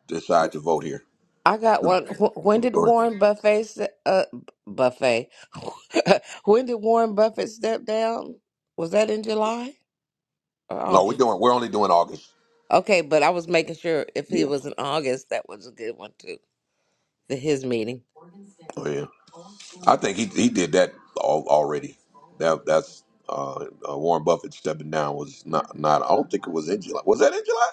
decide to vote here?
I got
The-
one. wh- When did
or-
Warren Buffet, se- uh, Buffet, <laughs> when did Warren Buffett step down? Was that in July or
No, we're
August?
doing. We're only doing August.
Okay, but I was making sure if he
Yeah.
was in August, that was a good one too. The his meeting.
Oh yeah. I think he he did that all, already. That that's uh, uh, Warren Buffett stepping down was not not. I don't think it was in July. Was that in July?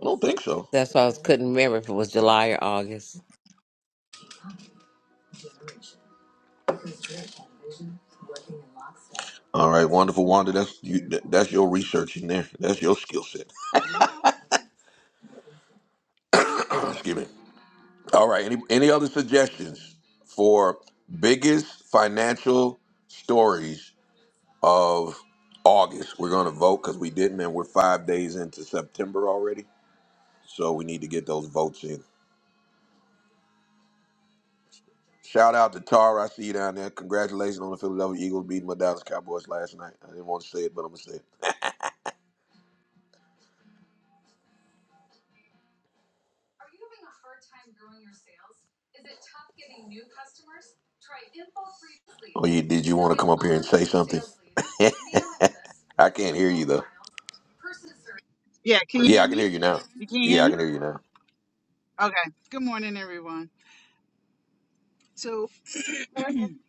I don't think so.
That's why I was, couldn't remember if it was July or August.
All right, wonderful Wanda. That's you. That's your research in there. That's your skill set. <clears throat> Excuse me. All right. Any any other suggestions for biggest financial stories of August? We're going to vote because we didn't, and we're five days into September already. So we need to get those votes in. Shout out to Tara. I see you down there. Congratulations on the Philadelphia Eagles beating my Dallas Cowboys last night. I didn't want to say it, but I'm gonna say it. Oh, you did you want to come up here and say something? I can't hear you though.
Yeah, can you
Yeah,
hear
I can
me?
hear you now.
You can hear
Yeah, I can
me?
hear you now.
Okay. Good morning, everyone. So,
Come,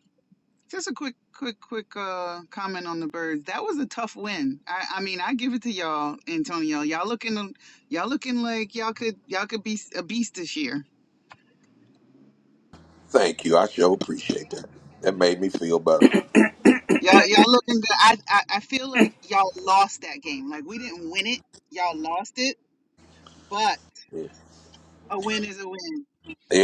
<clears throat> just a quick, quick, quick uh, comment on the birds. That was a tough win. I, I mean, I give it to y'all, Antonio. Y'all looking, y'all looking like y'all could, y'all could be a beast this year.
Thank you. I sure appreciate that. That made me feel better.
Y'all, y'all looking good. I, I, I feel like y'all lost that game. Like we didn't win it. Y'all lost it, but
Yeah,
a win is a win.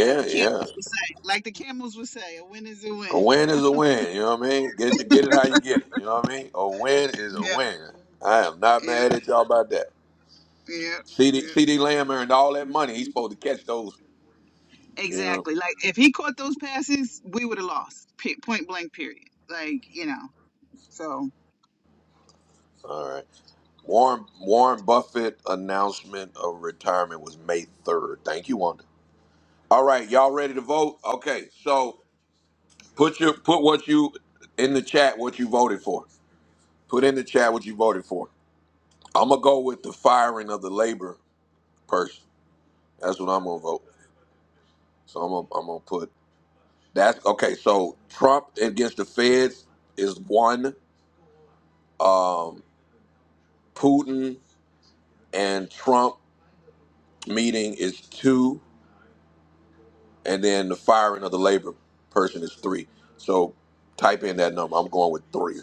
Like the
yeah.
camels would say. Like the camels would say, a win is a
A
win.
win is a win. You know what I mean? Get you get it how you get it. You know what I mean? A win is a
<laughs>
win. I am not
Yeah, yeah,
mad at y'all about that.
yeah,
CD,
yeah.
CD Lamb earned all that money. He's supposed to catch those. You know.
Exactly. Like if he caught those passes, we would have lost. Pe- point blank. Period. Like you know. So.
All right. Warren Warren Buffett announcement of retirement was May 3rd. Thank you, Wanda. All right, y'all ready to vote? Okay, so put your put what you in the chat what you voted for. Put in the chat what you voted for. I'm gonna go with the firing of the labor person. That's what I'm gonna vote. So I'm gonna, I'm gonna put that's okay. So Trump against the Feds is one. Um, Putin and Trump meeting is two. and then the firing of the labor person is three. So type in that number. I'm going with three,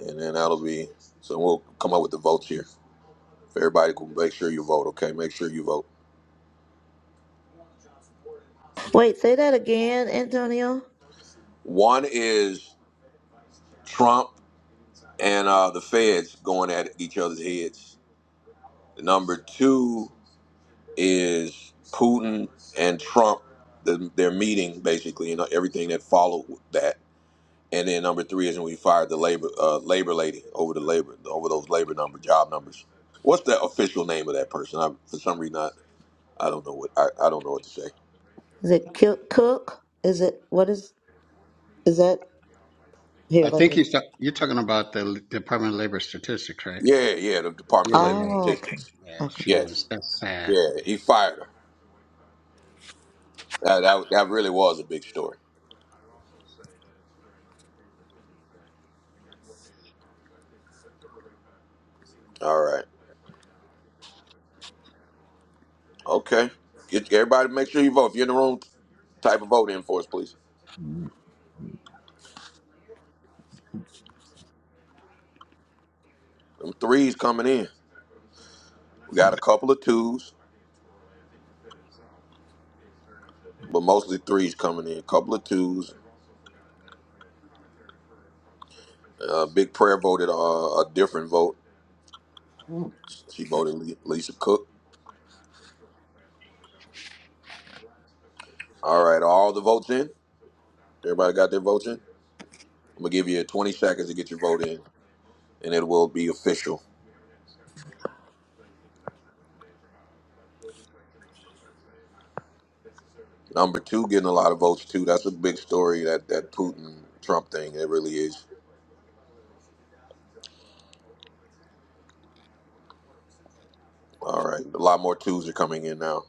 and then that'll be. So we'll come up with the votes here. If everybody can make sure you vote, okay? Make sure you vote.
Wait, say that again, Antonio.
One is Trump and uh, the Feds going at each other's heads. Number two is Putin and Trump. The, their meeting basically, and everything that followed that. And then number three is when we fired the labor uh, labor lady over the labor over those labor number job numbers. What's the official name of that person? I, for some reason, I, I don't know what I, I don't know what to say.
Is it ki- cook? Is it what is is that? Here,
I
let
think
me.
he's ta- you're talking about the L- Department of Labor statistics, right?
Yeah, yeah, the Department of
Yeah,
Labor
yeah, yeah.
Oh, okay,
Statistics.
yeah.
okay,
She was
Yes,
that's sad.
yeah,
Yeah,
he fired her. That, that, that really was a big story. All right, okay. Get everybody. Make sure you vote. If you're in the room, type of vote in for us, please. Them threes coming in. We got a couple of twos, but mostly threes coming in. A couple of twos. A big prayer voted uh, a different vote. She voted Le- Lisa Cook. All right, are all the votes in? Everybody got their votes in? I'm gonna give you 20 seconds to get your vote in, and it will be official. Number two, getting a lot of votes too. That's a big story. That that Putin Trump thing. It really is. All right, a lot more twos are coming in now.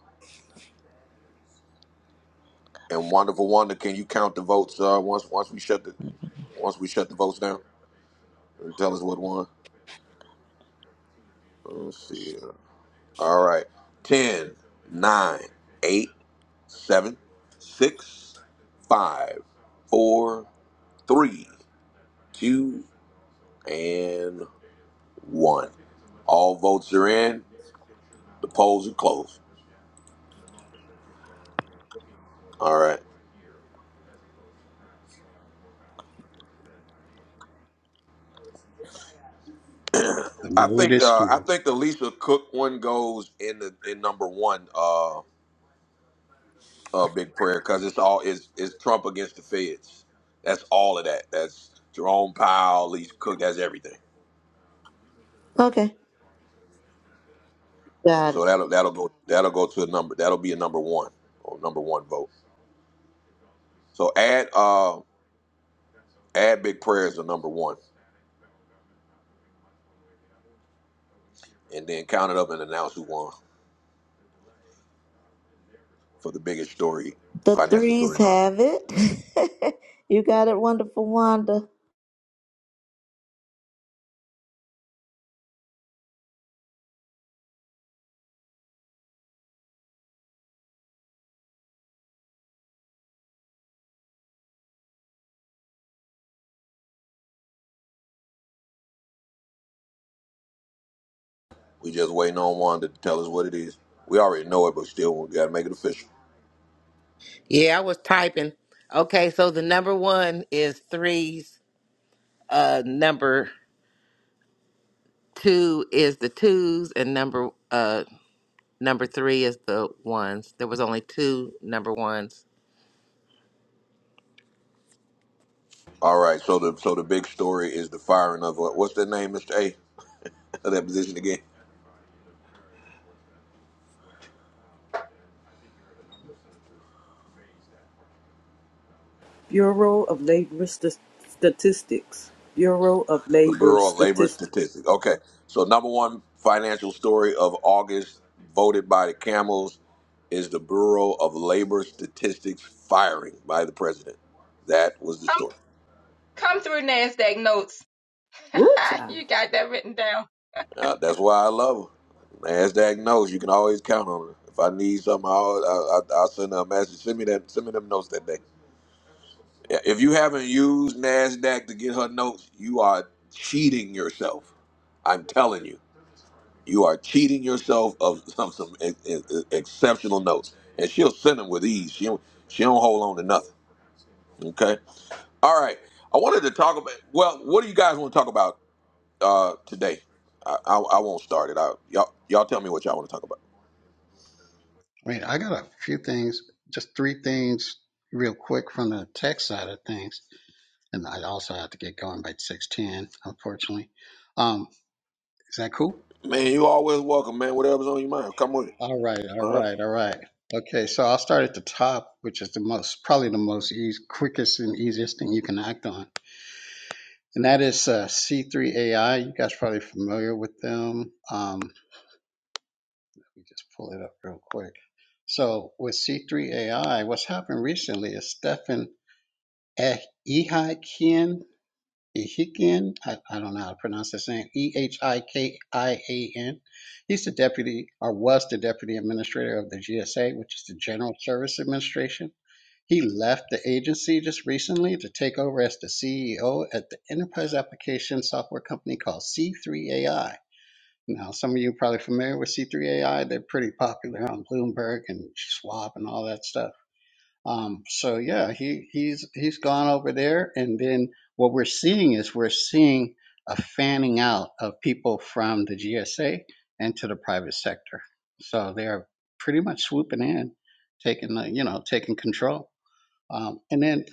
And wonderful wonder, can you count the votes? Uh, once once we shut the once we shut the votes down, and tell us what won. Let's see. uh, All right, right, ten, nine, 8, seven, six, five, four, three, two, and one. All votes are in. The polls are closed. All right.
the
<clears throat> I
mood
think
is
uh, I
streets.
think the Lisa Cook one goes in the in number one. Uh, uh, big prayer because it's all is is Trump against the feds. That's all of that. That's Jerome Powell, Lisa Cook. That's everything.
okay. Got it.
So that'll that'll go that'll go to a number. That'll be a number one or number one vote. So add uh add big prayers to number one, and then count it up and announce who won for the biggest story,
The
financial
threes
story. Now
have it. <laughs> you got it, wonderful Wanda.
we just waiting on one to tell us what it is. We already know it, but still we got to make it official.
Yeah, I was typing. Okay, so the number one is threes. Uh, number two is the twos, and number uh number three is the ones. There was only two number ones.
All right, so the so the big story is the firing of uh, what's that name, Mr. A, <laughs> of that position again,
Bureau of Labor St- Statistics. Bureau of
the
Labor
Bureau of Labor
Statistics.
Statistics. Okay, so number one financial story of August, voted by the Camels, is the Bureau of Labor Statistics firing by the president. That was the story.
come through NASDAQ notes.
Good
<laughs>
job.
you got that written down.
Uh, that's why I love her. Nasdaq knows you can always count on her. If I need something, I'll, I'll, I'll send her a message. Send me that. Send me them notes that day. Yeah, If you haven't used Nasdaq to get her notes, you are cheating yourself. I'm telling you, you are cheating yourself of some some e- e- e, exceptional notes, and she'll send them with ease. She don't, she don't hold on to nothing. Okay. All right. I wanted to talk about. Well, what do you guys want to talk about uh, today? I, I, I won't start it out. Y'all, y'all tell me what y'all want to talk about.
I mean, I got a few things, just three things, real quick from the tech side of things, and I also have to get going by six ten, unfortunately. Um, is that cool?
Man, you always welcome, man. Whatever's on your mind, come with it.
All right, all
All right.
right, all right. Okay, so I'll start at the top, which is the most, probably the most easy, quickest and easiest thing you can act on and that is uh, C3 AI. You guys are probably familiar with them. Um, let me just pull it up real quick. So with C3 AI, what's happened recently is Stefan Eh- Ehikian, Ehikian, I, I don't know how to pronounce his name, E H I K I A N. He's the deputy, or was the deputy administrator of the GSA, which is the General Service Administration he left the agency just recently to take over as the CEO at the enterprise application software company called C3AI. Now, some of you are probably familiar with C3AI. They're pretty popular on Bloomberg and Schwab and all that stuff. Um, so yeah, he he's he's gone over there, and then what we're seeing is we're seeing a fanning out of people from the GSA into the private sector. So they're pretty much swooping in, taking the, you know taking control. Um, and then,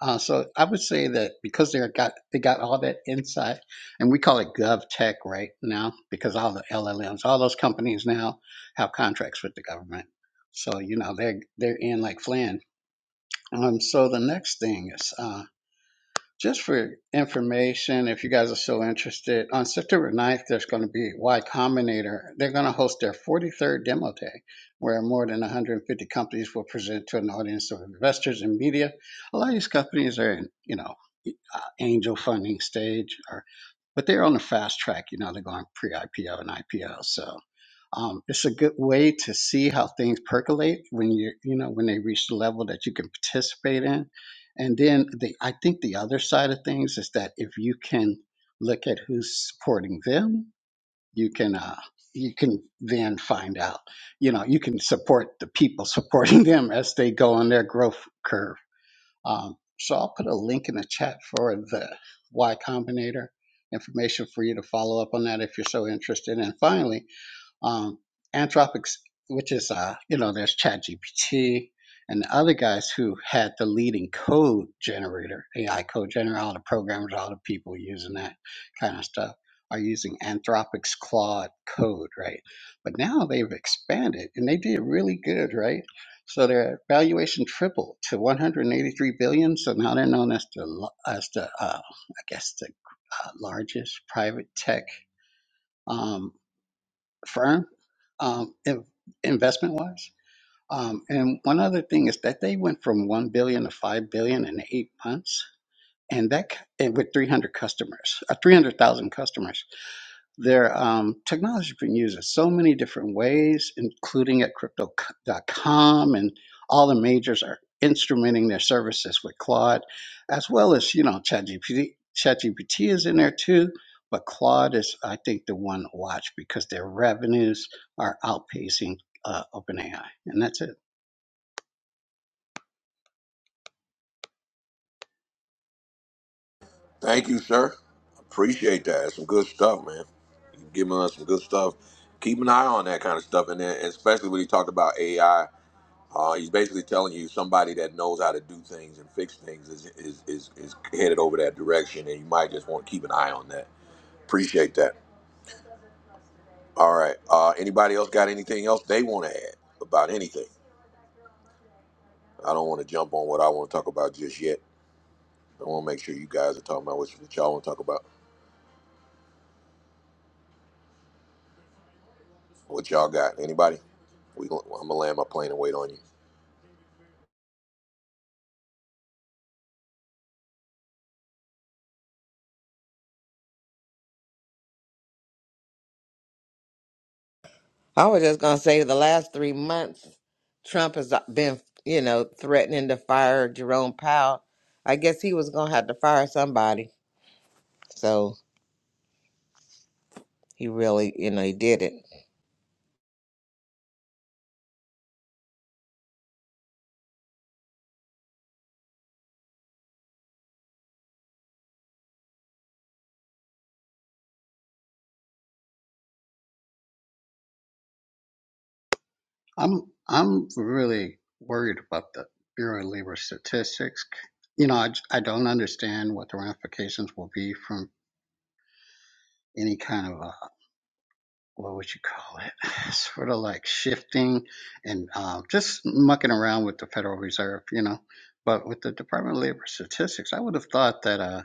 uh, so I would say that because they got they got all that insight, and we call it gov tech right now because all the LLMs, all those companies now have contracts with the government, so you know they're they're in like Flynn. Um, so the next thing is. uh, just for information, if you guys are still interested, on September ninth, there's going to be Y Combinator. They're going to host their 43rd demo day, where more than 150 companies will present to an audience of investors and media. A lot of these companies are in, you know, uh, angel funding stage, or but they're on the fast track. You know, they're going pre-IPO and IPO, so um, it's a good way to see how things percolate when you you know when they reach the level that you can participate in and then the, I think the other side of things is that if you can look at who's supporting them, you can uh, you can then find out. You know, you can support the people <laughs> supporting them as they go on their growth curve. Um, so I'll put a link in the chat for the Y Combinator information for you to follow up on that if you're so interested. And finally, um, Anthropics, which is uh, you know, there's ChatGPT and the other guys who had the leading code generator, AI code generator. All the programmers, all the people using that kind of stuff are using Anthropics Claude code, right? But now they've expanded and they did really good, right? So their valuation tripled to 183 billion. So now they're known as the as the uh, I guess the uh, largest private tech. um, firm um, in, investment wise. Um, and one other thing is that they went from one billion to five billion in eight months, and that c- and with three hundred customers, uh, three hundred thousand customers their um, technology has been used in so many different ways, including at crypto.com and all the majors are instrumenting their services with Claude, as well as, you know, ChatGPT. ChatGPT is in there too, but Claude is, I think, the one to watch because their revenues are outpacing uh, OpenAI. And that's it.
Thank you, sir. Appreciate that. That's some good stuff, man. You giving us some good stuff. Keep an eye on that kind of stuff, and then and especially when he talked about AI. Uh, he's basically telling you somebody that knows how to do things and fix things is, is is is headed over that direction, and you might just want to keep an eye on that. Appreciate that. All right. Uh, anybody else got anything else they want to add about anything? I don't want to jump on what I want to talk about just yet. I want to make sure you guys are talking about what, y'all want to talk about. What y'all got? Anybody? We gon- I'm gonna land my plane and wait on you.
I was just gonna say the last three months, Trump has uh, been, you know, threatening to fire Jerome Powell. I guess he was gonna have to fire somebody. So he really, you know, he did it.
I'm, I'm really worried about the Bureau of Labor Statistics. You know, I, I don't understand what the ramifications will be from any kind of uh what would you call it? <sighs> Sort of like shifting and um, just mucking around with the Federal Reserve, you know. But with the Department of Labor Statistics, I would have thought that uh,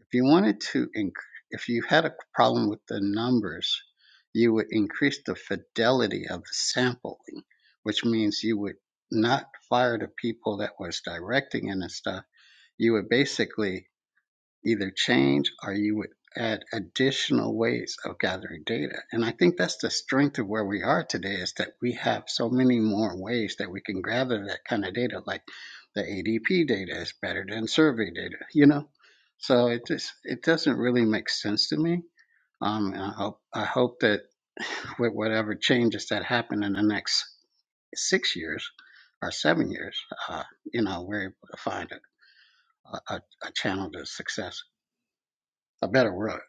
if you wanted to, inc- if you had a problem with the numbers, you would increase the fidelity of the sampling, which means you would not fire the people that was directing it and stuff. You would basically either change or you would add additional ways of gathering data. And I think that's the strength of where we are today is that we have so many more ways that we can gather that kind of data. Like the ADP data is better than survey data, you know? So it just it doesn't really make sense to me. Um, and I hope I hope that <laughs> with whatever changes that happen in the next six years or seven years, uh, you know, we're able to find a, a, a channel to success a better word.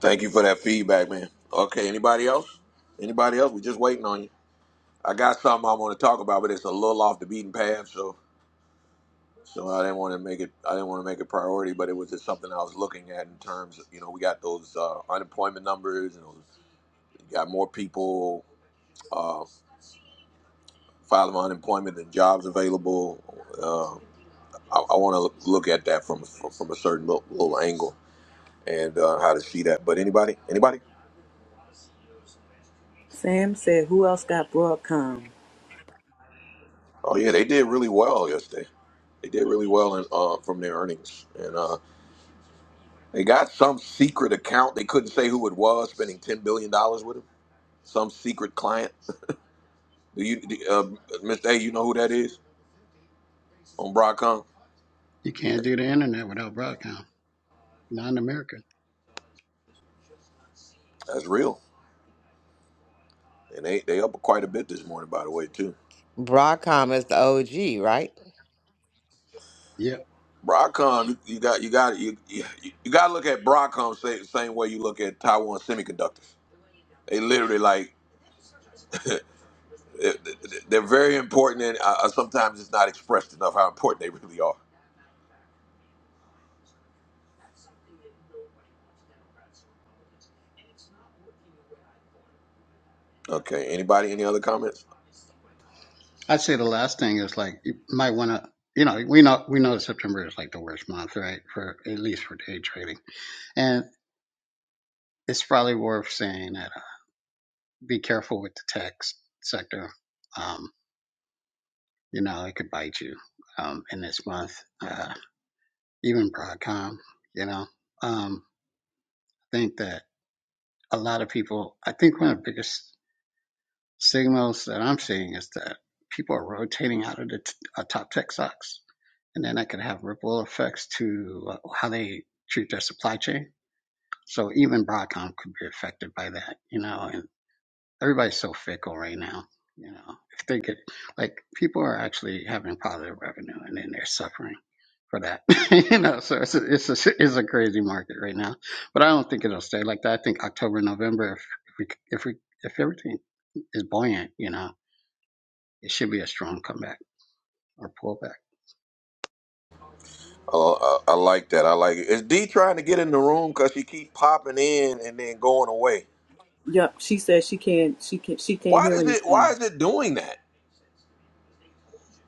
Thank you for that feedback, man. Okay, anybody else? Anybody else? We are just waiting on you. I got something I want to talk about, but it's a little off the beaten path, so so I didn't want to make it. I didn't want to make it priority, but it was just something I was looking at in terms. Of, you know, we got those uh, unemployment numbers, and those, you got more people uh, filing for unemployment than jobs available. Uh, I, I want to look at that from from, from a certain little, little angle and uh, how to see that. But anybody, anybody?
Sam said, "Who else got Broadcom?"
Oh yeah, they did really well yesterday. They did really well in, uh, from their earnings, and uh, they got some secret account. They couldn't say who it was, spending ten billion dollars with them. Some secret client. Do you, do, uh, Mr. A? You know who that is on Broadcom?
You can't do the internet without Broadcom. Not in America.
That's real, and they they up quite a bit this morning, by the way, too.
Broadcom is the OG, right?
Yeah.
Broadcom, you got you got you you, you got to look at Broadcom same same way you look at Taiwan Semiconductor They literally like <laughs> they're very important, and uh, uh, sometimes it's not expressed enough how important they really are. Okay. Anybody? Any other comments?
I'd say the last thing is like you might want to. You know, we know we know September is like the worst month, right? For at least for day trading, and it's probably worth saying that uh, be careful with the tech sector. Um, you know, it could bite you um, in this month. Uh, even Broadcom, you know, um, I think that a lot of people. I think one of the biggest signals that I'm seeing is that people are rotating out of the t- uh, top tech stocks, and then that could have ripple effects to uh, how they treat their supply chain. So even Broadcom could be affected by that, you know. And everybody's so fickle right now, you know. If they could, like, people are actually having positive revenue, and then they're suffering for that, <laughs> you know. So it's a, it's a, it's a crazy market right now, but I don't think it'll stay like that. I think October, November, if, if we if we if everything is buoyant, you know it should be a strong comeback or pullback.
Uh, I, I like that. I like it. Is D trying to get in the room because she keep popping in and then going away?
Yup, she said she can't. She can't. She can't
Why
hear
does it?
anything.
Why is it doing that?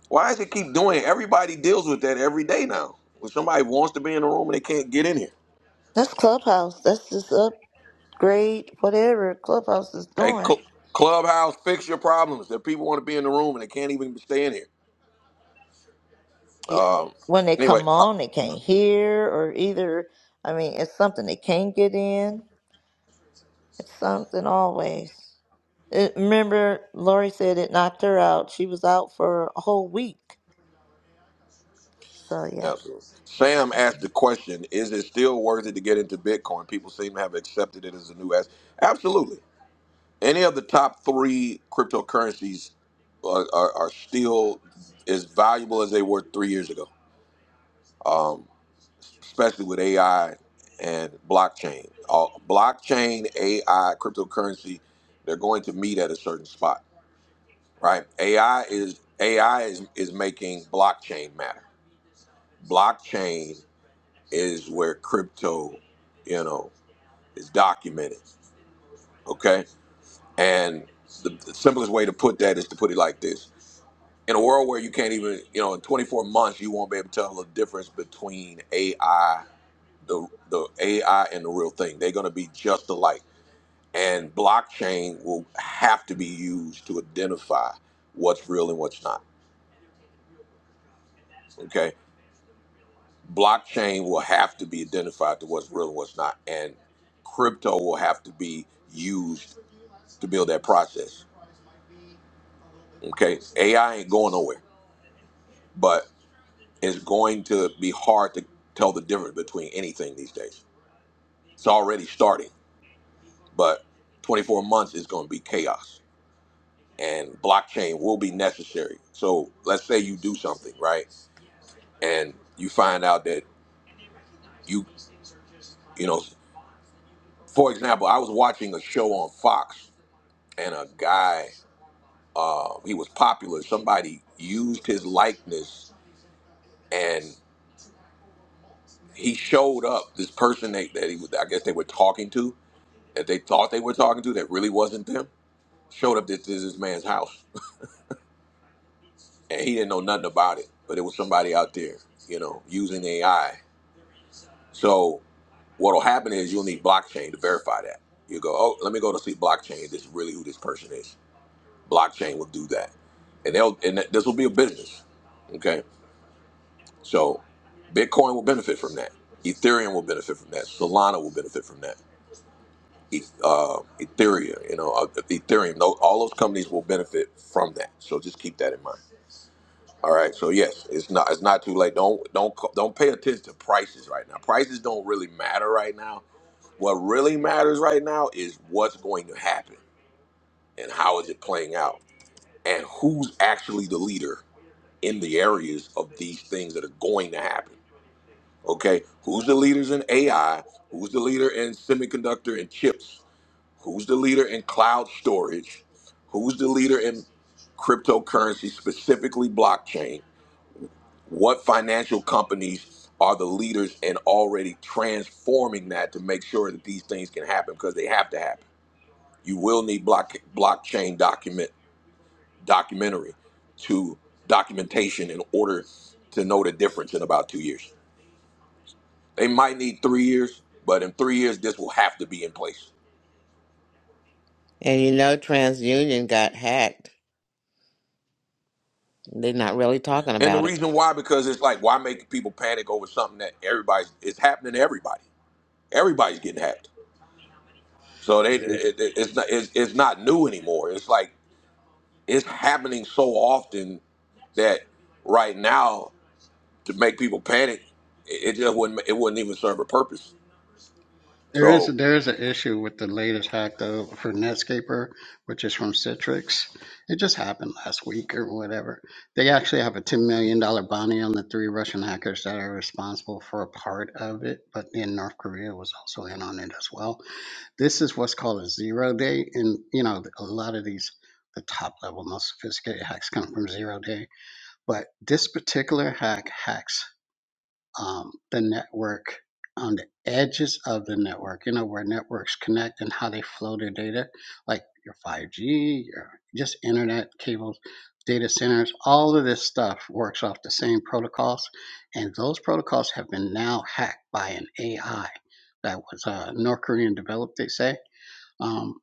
Why does it keep doing it? Everybody deals with that every day now. When somebody wants to be in the room and they can't get in here.
That's Clubhouse. That's just upgrade, whatever Clubhouse is
Hey,
doing.
cl- Clubhouse, fix your problems. That people want to be in the room and they can't even stay in here.
It-
Um.
When they
Anyway,
come on, they can't hear, or either, I mean, it's something they can't get in. It's something always. It, remember, Lori said it knocked her out. She was out for a whole week. So, yeah.
Yep. Sam asked the question, is it still worth it to get into Bitcoin? People seem to have accepted it as a new asset. Absolutely. Any of the top three cryptocurrencies are, are, are still as valuable as they were three years ago, um, especially with AI and blockchain. Uh, blockchain, AI, cryptocurrency, they're going to meet at a certain spot, right? AI is AI is, is making blockchain matter. Blockchain is where crypto, you know, is documented. Okay. And the, the simplest way to put that is to put it like this. In a world where you can't even, you know, in 24 months, you won't be able to tell the difference between AI, the, the AI and the real thing. They're going to be just alike. And blockchain will have to be used to identify what's real and what's not. Okay. Blockchain will have to be identified to what's real and what's not. And crypto will have to be used to build that process. Okay, AI ain't going nowhere, but it's going to be hard to tell the difference between anything these days. It's already starting, but 24 months is going to be chaos, and blockchain will be necessary. So let's say you do something right, and you find out that you, you know, for example, I was watching a show on Fox, and a guy, uh, he was popular. Somebody used his likeness and he showed up. This person they, that he, was- I guess they were talking to, that they thought they were talking to, that really wasn't them, showed up at this, this man's house, <laughs> and he didn't know nothing about it. But it was somebody out there, you know, using AI. So what'll happen is you'll need blockchain to verify that. You go, oh, let me go to see blockchain. This is really who this person is. Blockchain will do that, and they'll and th- this will be a business. Okay, so Bitcoin will benefit from that. Ethereum will benefit from that. Solana will benefit from that uh, Ethereum, you know, uh, Ethereum. tho- All those companies will benefit from that. So just keep that in mind. All right. So yes, it's not it's not too late. Don't don't co- don't pay attention to prices right now. Prices don't really matter right now. What really matters right now is what's going to happen and how is it playing out and who's actually the leader in the areas of these things that are going to happen. Okay, who's the leaders in AI? Who's the leader in semiconductor and chips? Who's the leader in cloud storage? Who's the leader in cryptocurrency, specifically blockchain? What financial companies are the leaders in already transforming that to make sure that these things can happen because they have to happen? You will need block, blockchain document documentary to documentation in order to know the difference in about two years. They might need three years, but in three years, this will have to be in place.
And you know, TransUnion got hacked. They're not really talking
And the
about it.
reason why, because it's like, why make people panic over something that everybody's it's happening to everybody. Everybody's getting hacked, so they
Yeah.
it, it- it's not it's, it's not new anymore. It's like it's happening so often that right now to make people panic, it, it just wouldn't it wouldn't even serve a purpose.
There is
So,
there is an issue with the latest hack though for Netscaper, which is from Citrix. It just happened last week or whatever. They actually have a ten million dollar bounty on the three Russian hackers that are responsible for a part of it, but then North Korea was also in on it as well. This is what's called a zero day, and you know a lot of these the top level most sophisticated hacks come from zero day, but this particular hack hacks. um, the network on the edges of the network, you know, where networks connect and how they flow their data, like your 5G, your just internet cables, data centers, all of this stuff works off the same protocols. And those protocols have been now hacked by an AI that was uh, North Korean developed, they say. Um,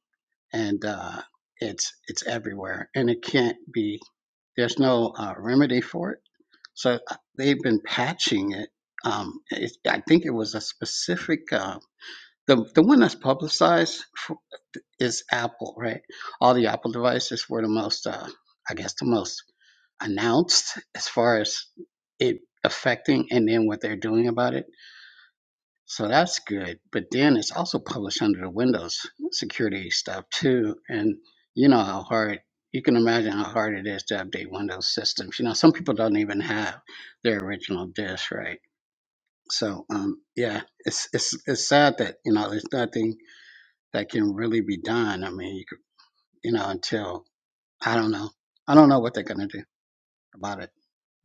and uh, it's it's everywhere and it can't be there's no uh, remedy for it. So uh, they've been patching it. Um, it I think it was a specific, uh, the, the one that's publicized for, is Apple, right? All the Apple devices were the most, uh, I guess, the most announced as far as it affecting and then what they're doing about it so that's good. But then it's also published under the Windows security stuff too. And you know how hard you can imagine how hard it is to update Windows systems. You know, some people don't even have their original disk, right? So um, yeah, it's it's it's sad that you know there's nothing that can really be done. I mean, you, could- you know, until I don't know, I don't know what they're gonna do about it.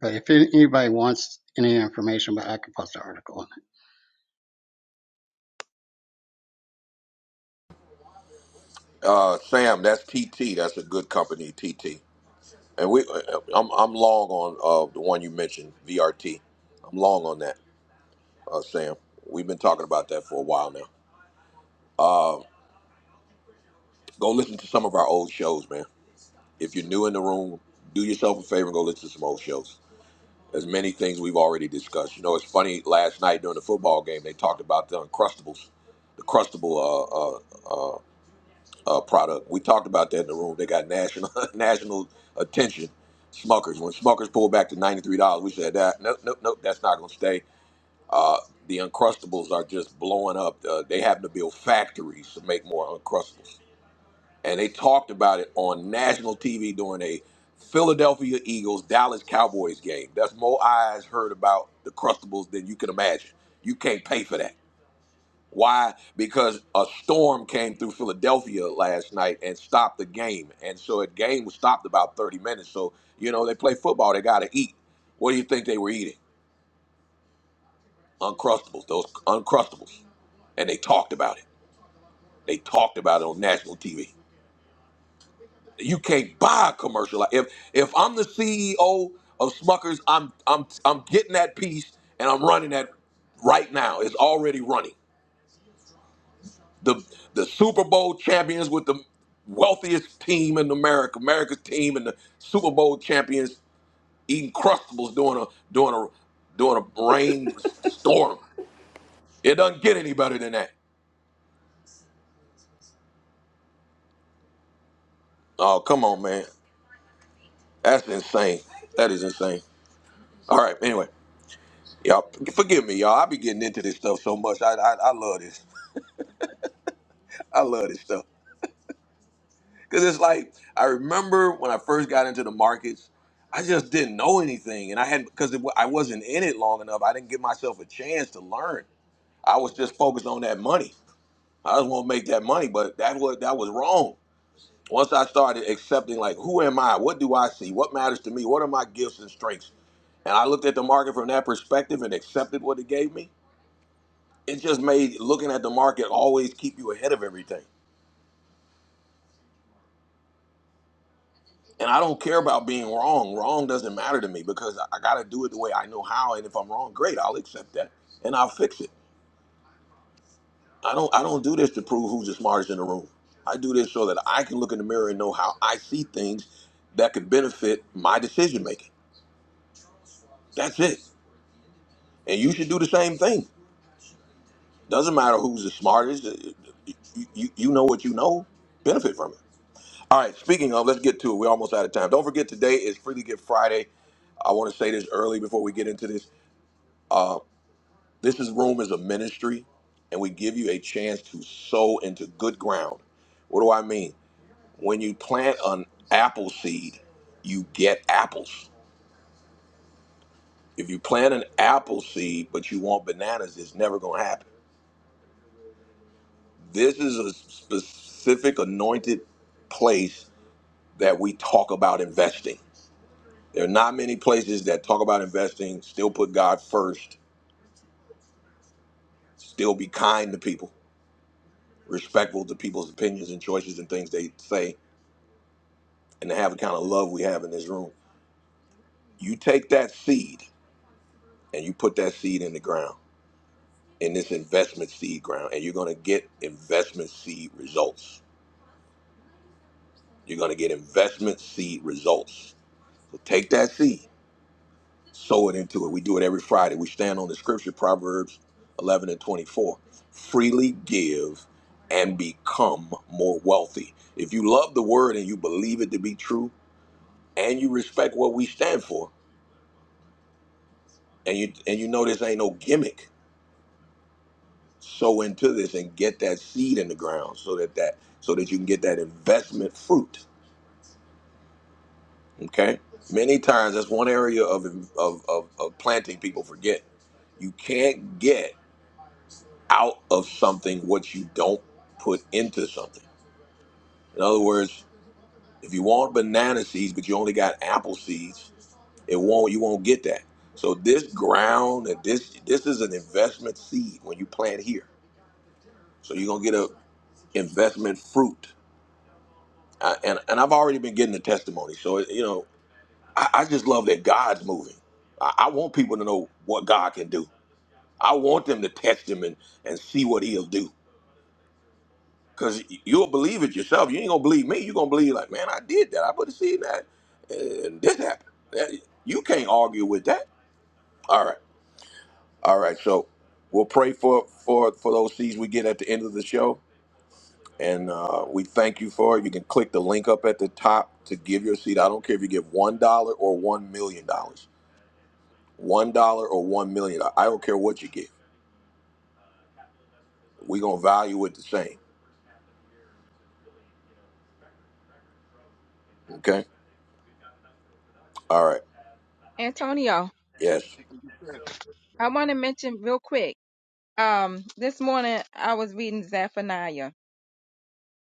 But if anybody wants any information, but I could post an article
uh, Sam, that's TT. That's a good company, TT. And we, uh, I'm I'm long on uh, the one you mentioned, VRT. I'm long on that, uh, Sam. We've been talking about that for a while now. Uh, go listen to some of our old shows, man. If you're new in the room, do yourself a favor and go listen to some old shows. There's many things we've already discussed. You know, it's funny. Last night during the football game, they talked about the Uncrustables, the Crustable uh, uh, uh, uh, product. We talked about that in the room. They got national <laughs> national attention. Smuckers. When Smuckers pulled back to ninety three dollars, we said that nope, nope, nope. That's not going to stay. Uh, the Uncrustables are just blowing up. Uh, they happen to build factories to make more Uncrustables and they talked about it on national TV during a Philadelphia Eagles Dallas Cowboys game. That's more eyes heard about the Crustables than you can imagine. You can't pay for that. Why? Because a storm came through Philadelphia last night and stopped the game, and so the game was stopped about thirty minutes. So you know they play football; they got to eat. What do you think they were eating? Uncrustables, those Uncrustables, and they talked about it. They talked about it on national TV. you can't buy a commercial. Like if if I'm the CEO of Smuckers, I'm I'm I'm getting that piece and I'm running that right now. It's already running. The the Super Bowl champions with the wealthiest team in America, America's team and the Super Bowl champions eating crustables during a during a during a rain storm. It doesn't get any better than that. Oh come on, man. That's insane. That is insane. All right, anyway. Y'all, forgive me, y'all. I be getting into this stuff so much. I, I, I love this. <laughs> I love this stuff. Because it's like, I remember when I first got into the markets, I just didn't know anything. And I had, because I wasn't in it long enough, I didn't give myself a chance to learn. I was just focused on that money. I just want to make that money, but that was, that was wrong. Once I started accepting, like, who am I? What do I see? What matters to me? What are my gifts and strengths? And I looked at the market from that perspective and accepted what it gave me. it just made looking at the market always keep you ahead of everything. And I don't care about being wrong. Wrong doesn't matter to me because I got to do it the way I know how. And if I'm wrong, great, I'll accept that and I'll fix it. I don't I don't do this to prove who's the smartest in the room. I do this so that I can look in the mirror and know how I see things that could benefit my decision making. That's it. And you should do the same thing. Doesn't matter who's the smartest. Uh, You, you, you know what you know. Benefit from it. All right, speaking of, let's get to it. We're almost out of time. Don't forget, today is Freely Give Friday. I want to say this early before we get into this. Uh, this is Room is a ministry, and we give you a chance to sow into good ground. What do I mean? When you plant an apple seed, you get apples. If you plant an apple seed but you want bananas, it's never going to happen. This is a specific anointed place that we talk about investing. There are not many places that talk about investing, still put God first, still be kind to people, respectful to people's opinions and choices and things they say, and to have the kind of love we have in this room. You take that seed and you put that seed in the ground, in this investment seed ground, and you're going to get investment seed results. You're going to get investment seed results. So take that seed sow it into it. We do it every Friday. We stand on the scripture, Proverbs 11 and 24. Freely give and become more wealthy. If you love the word and you believe it to be true and you respect what we stand for and you and you know this ain't no gimmick, sow into this and get that seed in the ground so that that so that you can get that investment fruit, okay? Many times that's one area of of of, of planting people forget. You can't get out of something what you don't put into something. In other words, if you want banana seeds but you only got apple seeds, it won't you won't get that. So this ground and this this is an investment seed when you plant here. So you're gonna get a investment fruit. Uh, and and I've already been getting the testimony. So you know I, I just love that God's moving. I, I want people to know what God can do. I want them to test Him and and see what He'll do. Because you'll believe it yourself. You ain't going to believe me. You're going to believe, like, man, I did that. I put a seed in that. And this happened. That- You can't argue with that. All right. All right. So we'll pray for, for, for those seeds we get at the end of the show. And uh, we thank you for it. You can click the link up at the top to give your seed. I don't care if you give $1 or $1 million. dollars. $1 or $1 million. I don't care what you give. We're going to value it the same. Okay? All right.
Antonio.
Yes.
I want to mention real quick. Um, this morning I was reading Zephaniah,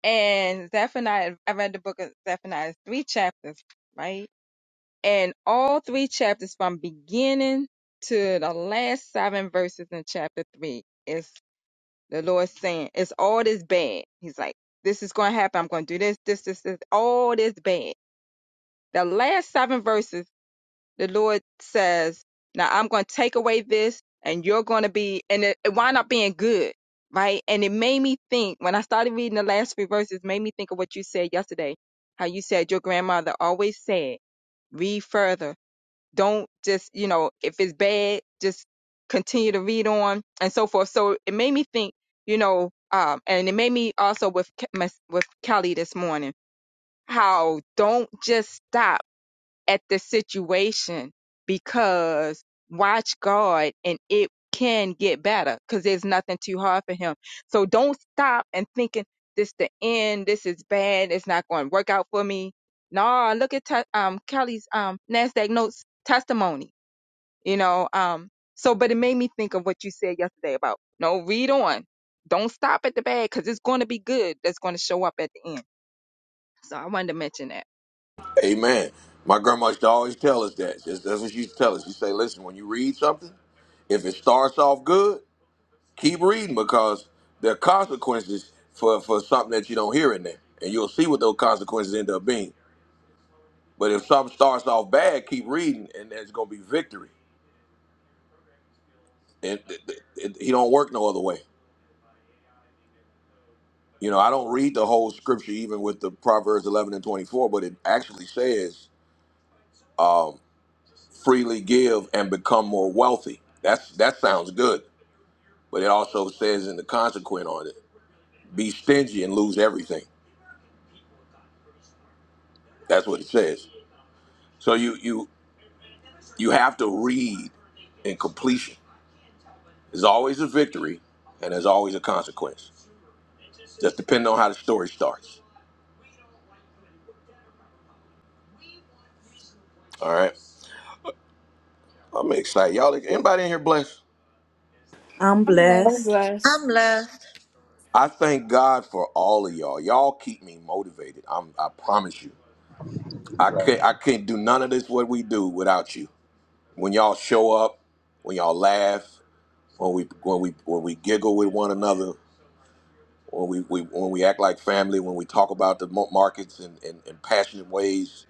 and Zephaniah. I read the book of Zephaniah, three chapters, right? And all three chapters, from beginning to the last seven verses in chapter three, is the Lord saying, "It's all this bad." He's like, "This is going to happen. I'm going to do this, this, this, this. All this bad." The last seven verses. the Lord says, now I'm going to take away this and you're going to be, and it, it wound up being good, right? And it made me think, when I started reading the last few verses, made me think of what you said yesterday, how you said your grandmother always said, read further. Don't just, you know, if it's bad, just continue to read on and so forth. So it made me think, you know, um, and it made me also with, with Kelly this morning, how don't just stop at the situation because watch God and it can get better because there's nothing too hard for him. So don't stop and thinking this the end, this is bad, it's not going to work out for me. Nah, look at te- um Kelly's um Nasdaq notes testimony. You know, um so but it made me think of what you said yesterday about no read on. Don't stop at the bad because it's going to be good that's going to show up at the end. So I wanted to mention that.
Amen. My grandma used to always tell us that. That's that's what she used to tell us. She say, listen, when you read something, if it starts off good, keep reading because there are consequences for, for something that you don't hear in there. And you'll see what those consequences end up being. But if something starts off bad, keep reading and there's going to be victory. And th- th- it, he don't work no other way. You know, I don't read the whole scripture even with the Proverbs 11 and 24, but it actually says um, freely give and become more wealthy. That's That sounds good But it also says in the consequent on it, be stingy and lose everything. That's what it says. So you you you have to read in completion. There's always a victory and there's always a consequence. Just depending on how the story starts. All right. I'm excited. Y'all anybody in here blessed?
I'm
I'm blessed.
I'm
blessed.
blessed.
I'm blessed.
I thank God for all of y'all. Y'all keep me motivated. I'm I promise you. I can't I can't do none of this what we do without you. When y'all show up, when y'all laugh, when we when we when we giggle with one another, when we, we when we act like family, when we talk about the mo- markets in, in, in passionate ways,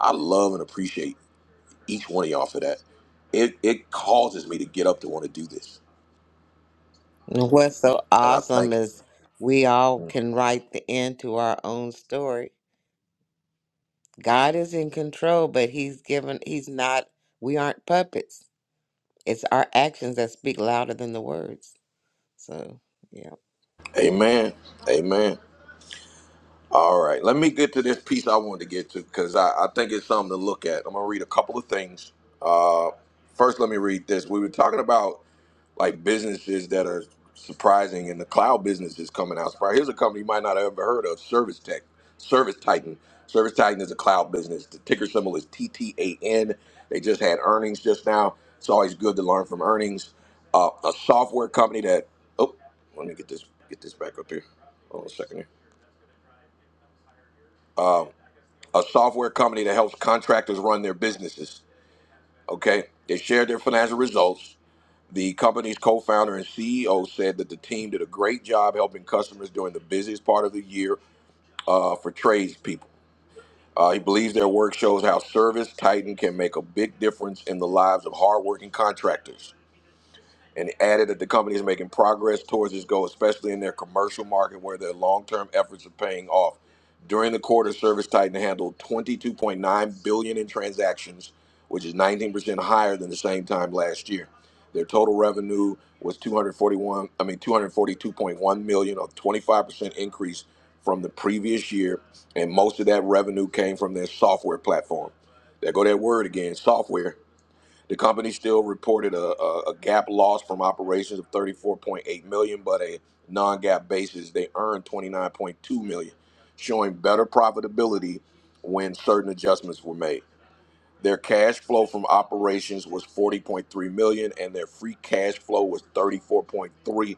I love and appreciate each one of y'all for that. It it causes me to get up to want to do this,
And what's so
and I
awesome
thank you.
is we all can write the end to our own story. God is in control, but He's given, He's not, we aren't puppets. It's our actions that speak louder than the words. So, yeah.
Amen. Amen. All right, let me get to this piece I wanted to get to because I, I think it's something to look at. I'm gonna read a couple of things. Uh, first, let me read this. We were talking about. like businesses that are surprising and the cloud business is coming out. Surprise. Here's a company you might not have ever heard of, Service Tech, Service Titan. Service Titan is a cloud business. The ticker symbol is TTAN. They just had earnings just now. It's always good to learn from earnings. Uh, a software company that oh, let me get this get this back up here. Hold on a second here. Um, a software company that helps contractors run their businesses. Okay, they shared their financial results The company's co founder and CEO said that the team did a great job helping customers during the busiest part of the year uh, for tradespeople. Uh, he believes their work shows how Service Titan can make a big difference in the lives of hardworking contractors and added that the company is making progress towards this goal, especially in their commercial market where their long-term efforts are paying off. During the quarter, ServiceTitan handled 22.9 billion in transactions, which is 19% higher than the same time last year. Their total revenue was 241, I mean 242.1 million, a 25% increase from the previous year, and most of that revenue came from their software platform. There go that word again, software. The company still reported a, a, a GAAP loss from operations of 34.8 million, dollars, but a non-GAAP basis they earned 29.2 million, dollars, showing better profitability when certain adjustments were made. Their cash flow from operations was 40.3 million, dollars, and their free cash flow was 34.3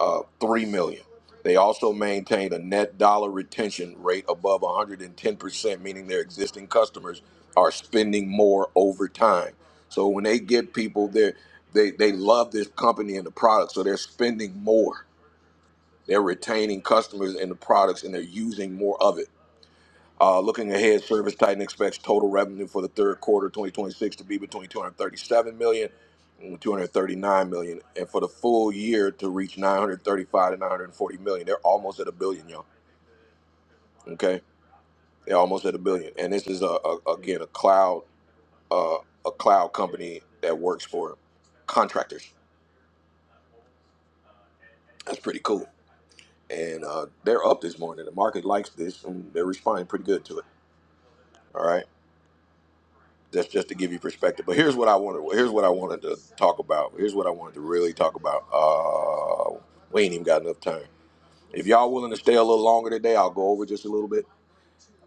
uh, 3 million. They also maintained a net dollar retention rate above 110%, meaning their existing customers are spending more over time. So when they get people there, they, they love this company and the product, so they're spending more. They're retaining customers and the products and they're using more of it. Uh, looking ahead, ServiceTitan expects total revenue for the third quarter 2026 to be between 237 million dollars and 239 million, dollars, and for the full year to reach 935 to 940 million. dollars. They're almost at a billion, y'all. Okay, they're almost at a billion, and this is a, a again a cloud uh, a cloud company that works for contractors. That's pretty cool, and uh, they're up this morning. The market likes this, and they're responding pretty good to it. All right. Just just to give you perspective. But here's what I wanted. Here's what I wanted to talk about. Here's what I wanted to really talk about. Uh, we ain't even got enough time. If y'all willing to stay a little longer today, I'll go over just a little bit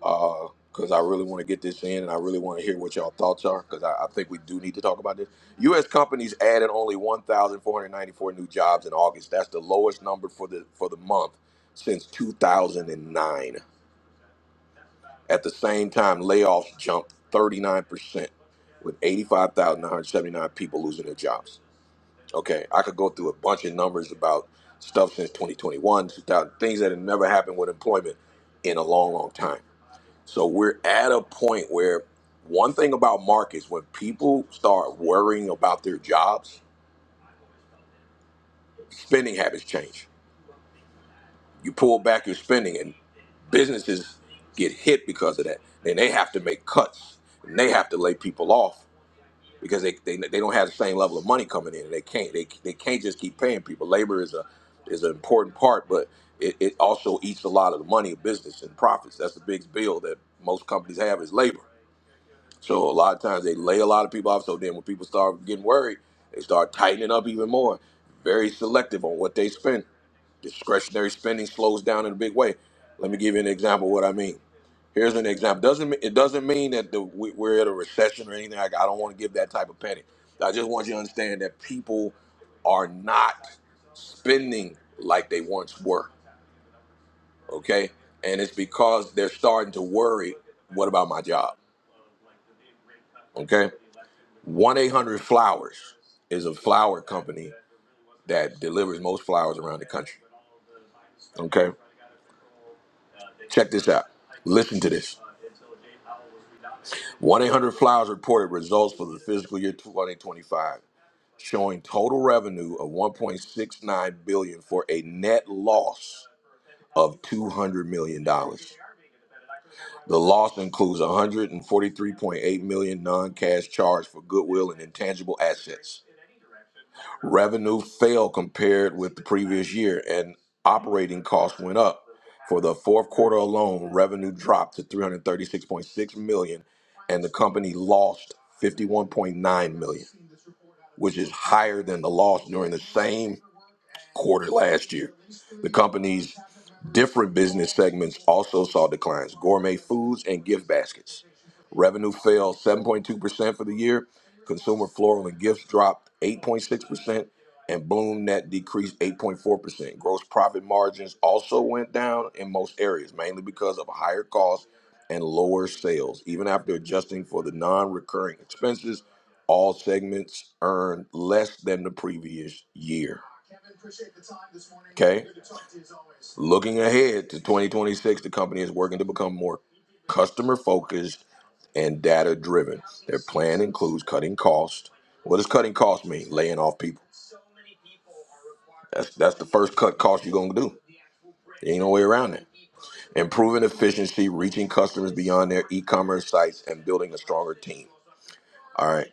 because I really want to get this in and I really want to hear what y'all thoughts are because I, I think we do need to talk about this. U.S. companies added only 1,494 new jobs in August. That's the lowest number for the for the month since 2009. At the same time, layoffs jumped 39%, with 85,979 people losing their jobs. Okay, I could go through a bunch of numbers about stuff since 2021, 2000, things that have never happened with employment in a long, long time. So we're at a point where one thing about markets, when people start worrying about their jobs, spending habits change. You pull back your spending, and businesses get hit because of that. Then they have to make cuts, and they have to lay people off because they, they they don't have the same level of money coming in. They can't they, they can't just keep paying people. Labor is a is an important part, but it, it also eats a lot of the money of business and profits. That's the big bill that most companies have is labor. So a lot of times they lay a lot of people off. So then when people start getting worried, they start tightening up even more. Very selective on what they spend. Discretionary spending slows down in a big way. Let me give you an example of what I mean. Here's an example. Doesn't it doesn't mean that the, we- we're at a recession or anything like? I don't want to give that type of penny. I just want you to understand that people are not spending like they once were. Okay, and it's because they're starting to worry. What about my job? Okay One eight hundred flowers is a flower company that delivers most flowers around the country. Okay, check this out. Listen to this. One eight hundred flowers reported results for the fiscal year twenty twenty five, showing total revenue of one point six nine billion for a net loss of two hundred million dollars. The loss includes 143.8 million non-cash charge for goodwill and intangible assets. Revenue fell compared with the previous year, and operating costs went up. For the fourth quarter alone, revenue dropped to 336.6 million, and the company lost 51.9 million, which is higher than the loss during the same quarter last year. The company's different business segments also saw declines gourmet foods and gift baskets. Revenue fell 7.2% for the year. Consumer floral and gifts dropped 8.6%, and Bloom net decreased 8.4%. Gross profit margins also went down in most areas, mainly because of higher costs and lower sales. Even after adjusting for the non recurring expenses, all segments earned less than the previous year. Okay. Looking ahead to 2026, the company is working to become more customer focused and data driven. Their plan includes cutting costs. What does cutting costs mean? Laying off people. That's that's the first cut cost you're gonna do. There ain't no way around it. Improving efficiency, reaching customers beyond their e-commerce sites, and building a stronger team. All right.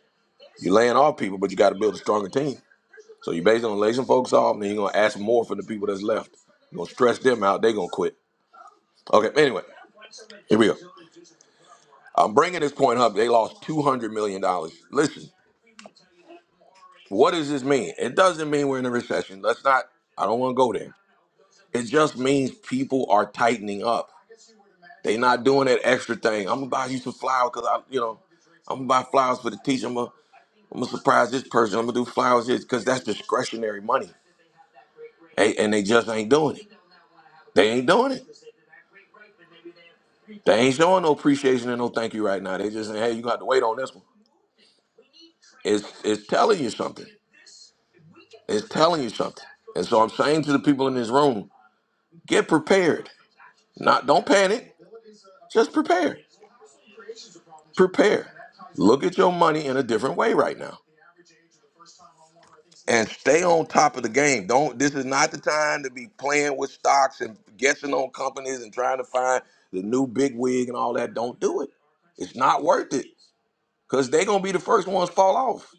You're laying off people, but you gotta build a stronger team. So you're basically gonna lay some folks off, and then you're gonna ask more from the people that's left. You're gonna stress them out, they're gonna quit. Okay, anyway, here we go. I'm bringing this point up. They lost two hundred million dollars. Listen, what does this mean? It doesn't mean we're in a recession. Let's not. I don't want to go there. It just means people are tightening up. They're not doing that extra thing. I'm gonna buy you some flowers because I, you know, I'm gonna buy flowers for the teacher. I'm gonna, I'm gonna surprise this person. I'm gonna do flowers this because that's discretionary money. Hey, and they just ain't doing it. They ain't doing it. They ain't showing no appreciation and no thank you right now. They just saying, hey, you got to wait on this one. It's it's telling you something. It's telling you something. And so I'm saying to the people in this room, get prepared. Not don't panic, just prepare. Prepare. Look at your money in a different way right now. And stay on top of the game. Don't this is not the time to be playing with stocks and guessing on companies and trying to find the new big wig and all that. Don't do it. It's not worth it. Because they're gonna be the first ones fall off.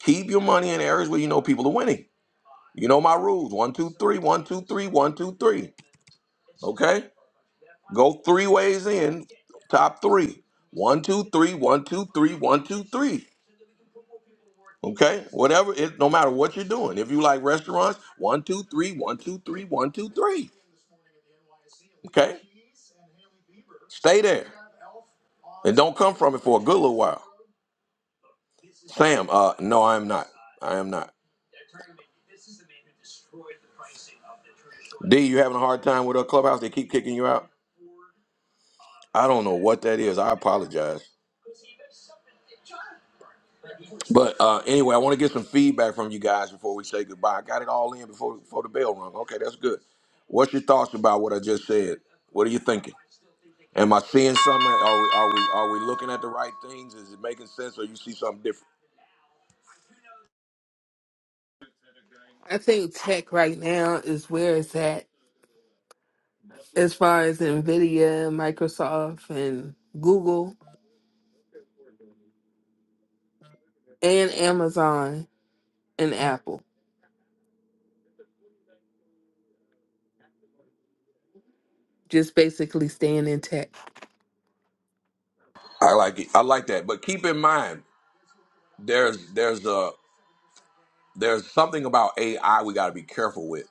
Keep your money in areas where you know people are winning. You know my rules. One, two, three, one, two, three, one, two, three. Okay? Go three ways in, top three. One, two, three, one, two, three, one, two, three. Okay? Whatever it no matter what you're doing. If you like restaurants, one, two, three, one, two, three, one, two, three. Okay? Stay there. And don't come from it for a good little while. Sam, uh, no, I am not. I am not. D, you having a hard time with a clubhouse? They keep kicking you out? I don't know what that is. I apologize. But uh, anyway, I want to get some feedback from you guys before we say goodbye. I got it all in before before the bell rung. Okay, that's good. What's your thoughts about what I just said? What are you thinking? Am I seeing something? Are we are we are we looking at the right things? Is it making sense, or you see something different?
I think tech right now is where it's at as far as NVIDIA, Microsoft, and Google, and Amazon and Apple. Just basically staying in tech.
I like it. I like that. But keep in mind, there's there's a there's something about AI we got to be careful with.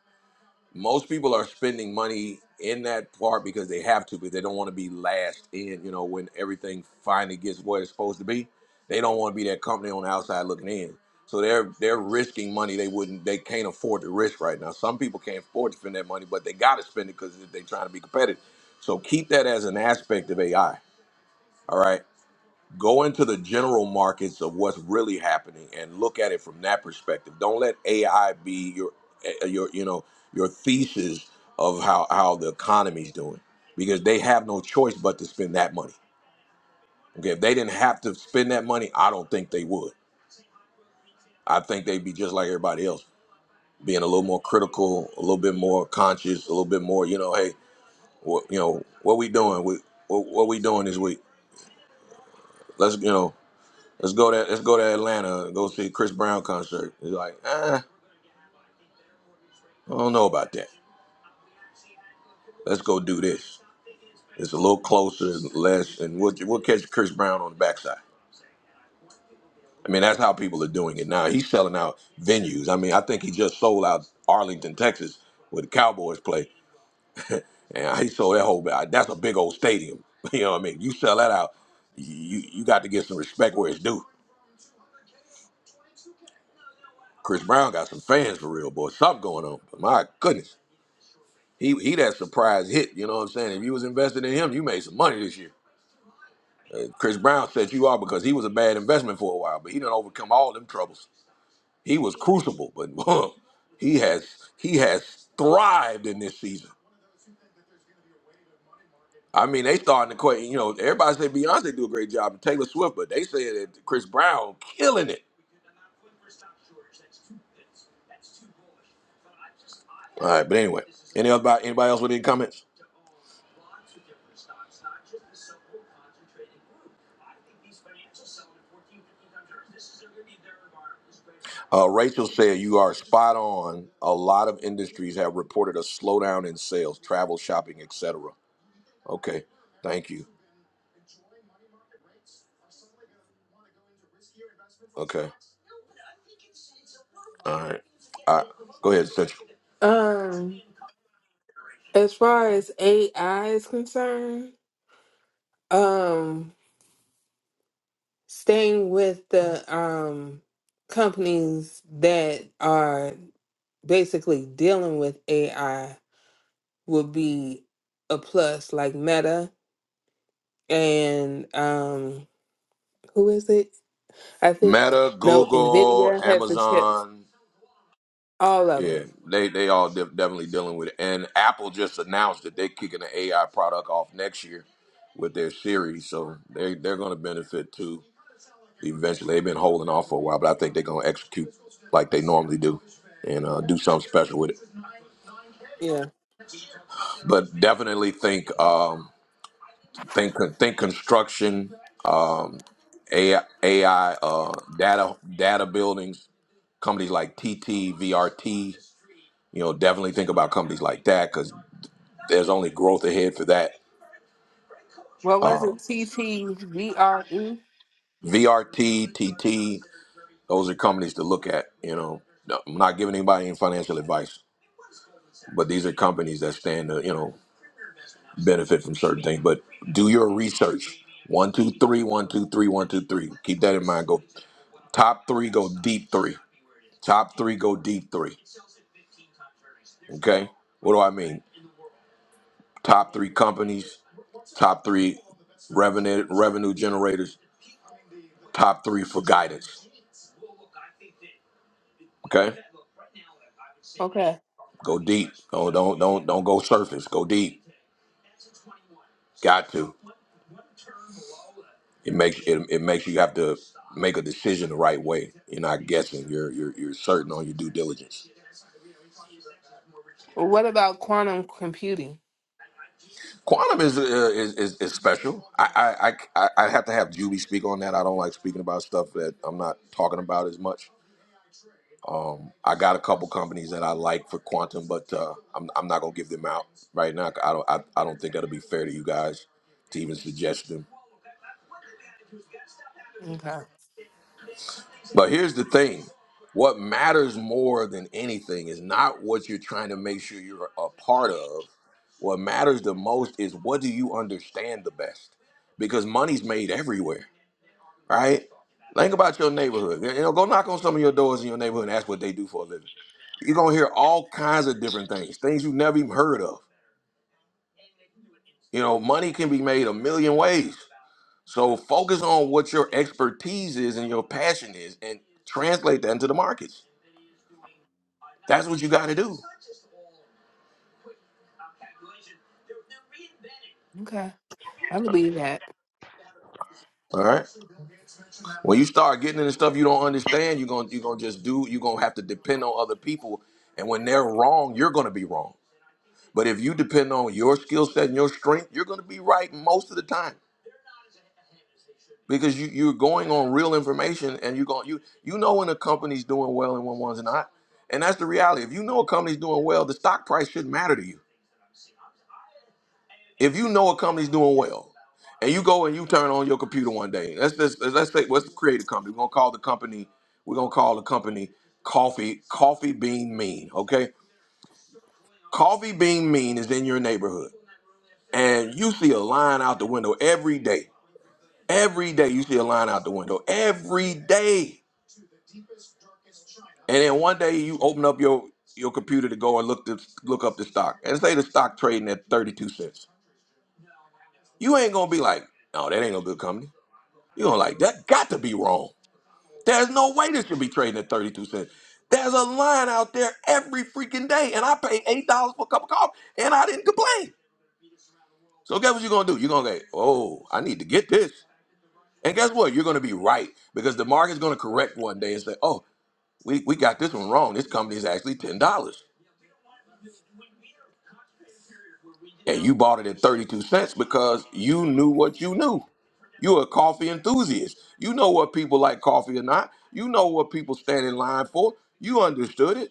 most people are spending money in that part because they have to, because they don't want to be last in. You know, when everything finally gets where it's supposed to be, they don't want to be that company on the outside looking in. So they're they're risking money they wouldn't they can't afford to risk right now. Some people can't afford to spend that money, but they got to spend it because they're trying to be competitive. So keep that as an aspect of AI. All right go into the general markets of what's really happening and look at it from that perspective. Don't let AI be your eh, eh, your you know your thesis of how how the economy's doing because they have no choice but to spend that money. Okay, if they didn't have to spend that money, I don't think they would. I think they'd be just like everybody else, being a little more critical, a little bit more conscious, a little bit more, you know, hey, what, you know, what we doing? We, what, what we doing this week? Let's, you know, Let's go to let's go to Atlanta and go see a Chris Brown concert. It's like, eh, I don't know about that. Let's go do this. It's a little closer and less, and we'll we'll catch Chris Brown on the backside. I mean, that's how people are doing it now. He's selling out venues. I mean, I think he just sold out Arlington, Texas, where the Cowboys play, and he sold that whole. uh, That's a big old stadium. <laughs> You know what I mean? You sell that out, you you got to get some respect where it's due. Chris Brown got some fans for real, boy. Something going on. But my goodness. He he that surprise hit. You know what I'm saying? If you was invested in him, you made some money this year. Uh, Chris Brown set you up because he was a bad investment for a while, but he didn't overcome all them troubles. He was crucible, but <laughs> he has he has thrived in this season. I mean, they starting to quit. You know, everybody say Beyonce do a great job and Taylor Swift, but they say that Chris Brown killing it. All right, but anyway, any other anybody else with any comments? Uh, Rachel said, You are spot on. A lot of industries have reported a slowdown in sales, travel, shopping, etc. Okay, thank you. Okay, all right. All right. Go ahead, Central.
Um, as far as AI is concerned, um, staying with the um companies that are basically dealing with AI would be a plus, like Meta and um, who is it? I think
Meta,
no,
Google,
Nvidia has the chips.
Amazon,
All of them.
Yeah, they they all de- definitely dealing with it. And Apple just announced that they're kicking the AI product off next year with their series, so they they're going to benefit too. Eventually, they've been holding off for a while, but I think they're going to execute like they normally do and uh, do something special with it.
Yeah.
But definitely think um, think think construction, um, AI, AI uh, data data buildings, companies like TT, VRT. You know, definitely think about companies like that there's only growth ahead for that.
What was
Uh,
it? TTVRE.
VRT, those are companies to look at. You know, No, I'm not giving anybody any financial advice, but these are companies that stand to you know benefit from certain things. But do your research. One, two, three, one, two, three, one, two, three. Keep that in mind. Go top three, go deep three. Top three, go deep three. Okay. What do I mean? Top three companies, top three revenue revenue generators, top three for guidance. Okay
Okay.
Go deep. Don't don't don't don't go surface. Go deep. Got to. It makes it, it makes you have to make a decision the right way. You're not guessing. You're you're, you're certain on your due diligence.
Well, what about quantum computing?
Quantum is uh, is, is is special. I I I I I'd have to have Julie speak on that. I don't like speaking about stuff that I'm not talking about as much. Um, I got a couple companies that I like for quantum, but uh, I'm I'm not gonna give them out right now. I don't I, I don't think that'll be fair to you guys to even suggest them
Okay.
But here's the thing what matters more than anything is not what you're trying to make sure you're a part of. What matters the most is what do you understand the best? Because money's made everywhere, right? Think about your neighborhood. You know, go knock on some of your doors in your neighborhood and ask what they do for a living. You're gonna hear all kinds of different things, things you've never even heard of. You know, money can be made a million ways. So focus on what your expertise is and your passion is and translate that into the markets That's what you got to do.
Okay. I believe
All right. When you start getting into stuff you don't understand, you're gonna you're gonna just do. You're gonna have to depend on other people, and when they're wrong, you're gonna be wrong. But if you depend on your skill set and your strength, you're gonna be right most of the time because you you're going on real information, and you're going you you know when a company's doing well and when one's not, and that's the reality. If you know a company's doing well, the stock price shouldn't matter to you. If you know a company's doing well, and you go and you turn on your computer one day, let's just let's let's say let's create a company. We're gonna call the company we're gonna call the company Coffee Coffee Bean Mean. Okay, Coffee Bean Mean is in your neighborhood, and you see a line out the window every day. Every day you see a line out the window. Every day, and then one day you open up your your computer to go and look to look up the stock, and say the stock trading at thirty two cents. You ain't gonna be like, no, that ain't no good company. You don't like that? Got to be wrong. There's no way this should be trading at 32 cents. There's a line out there every freaking day, and I paid eight dollars for a cup of coffee, and I didn't complain. So guess what you're gonna do? You're gonna go, oh, I need to get this. And guess what? You're gonna be right because the market's gonna correct one day and say, oh, we, we got this one wrong. This company is actually $10. and you bought it at 32 cents because you knew what you knew. You're a coffee enthusiast. You know what people like coffee or not. You know what people stand in line for. You understood it.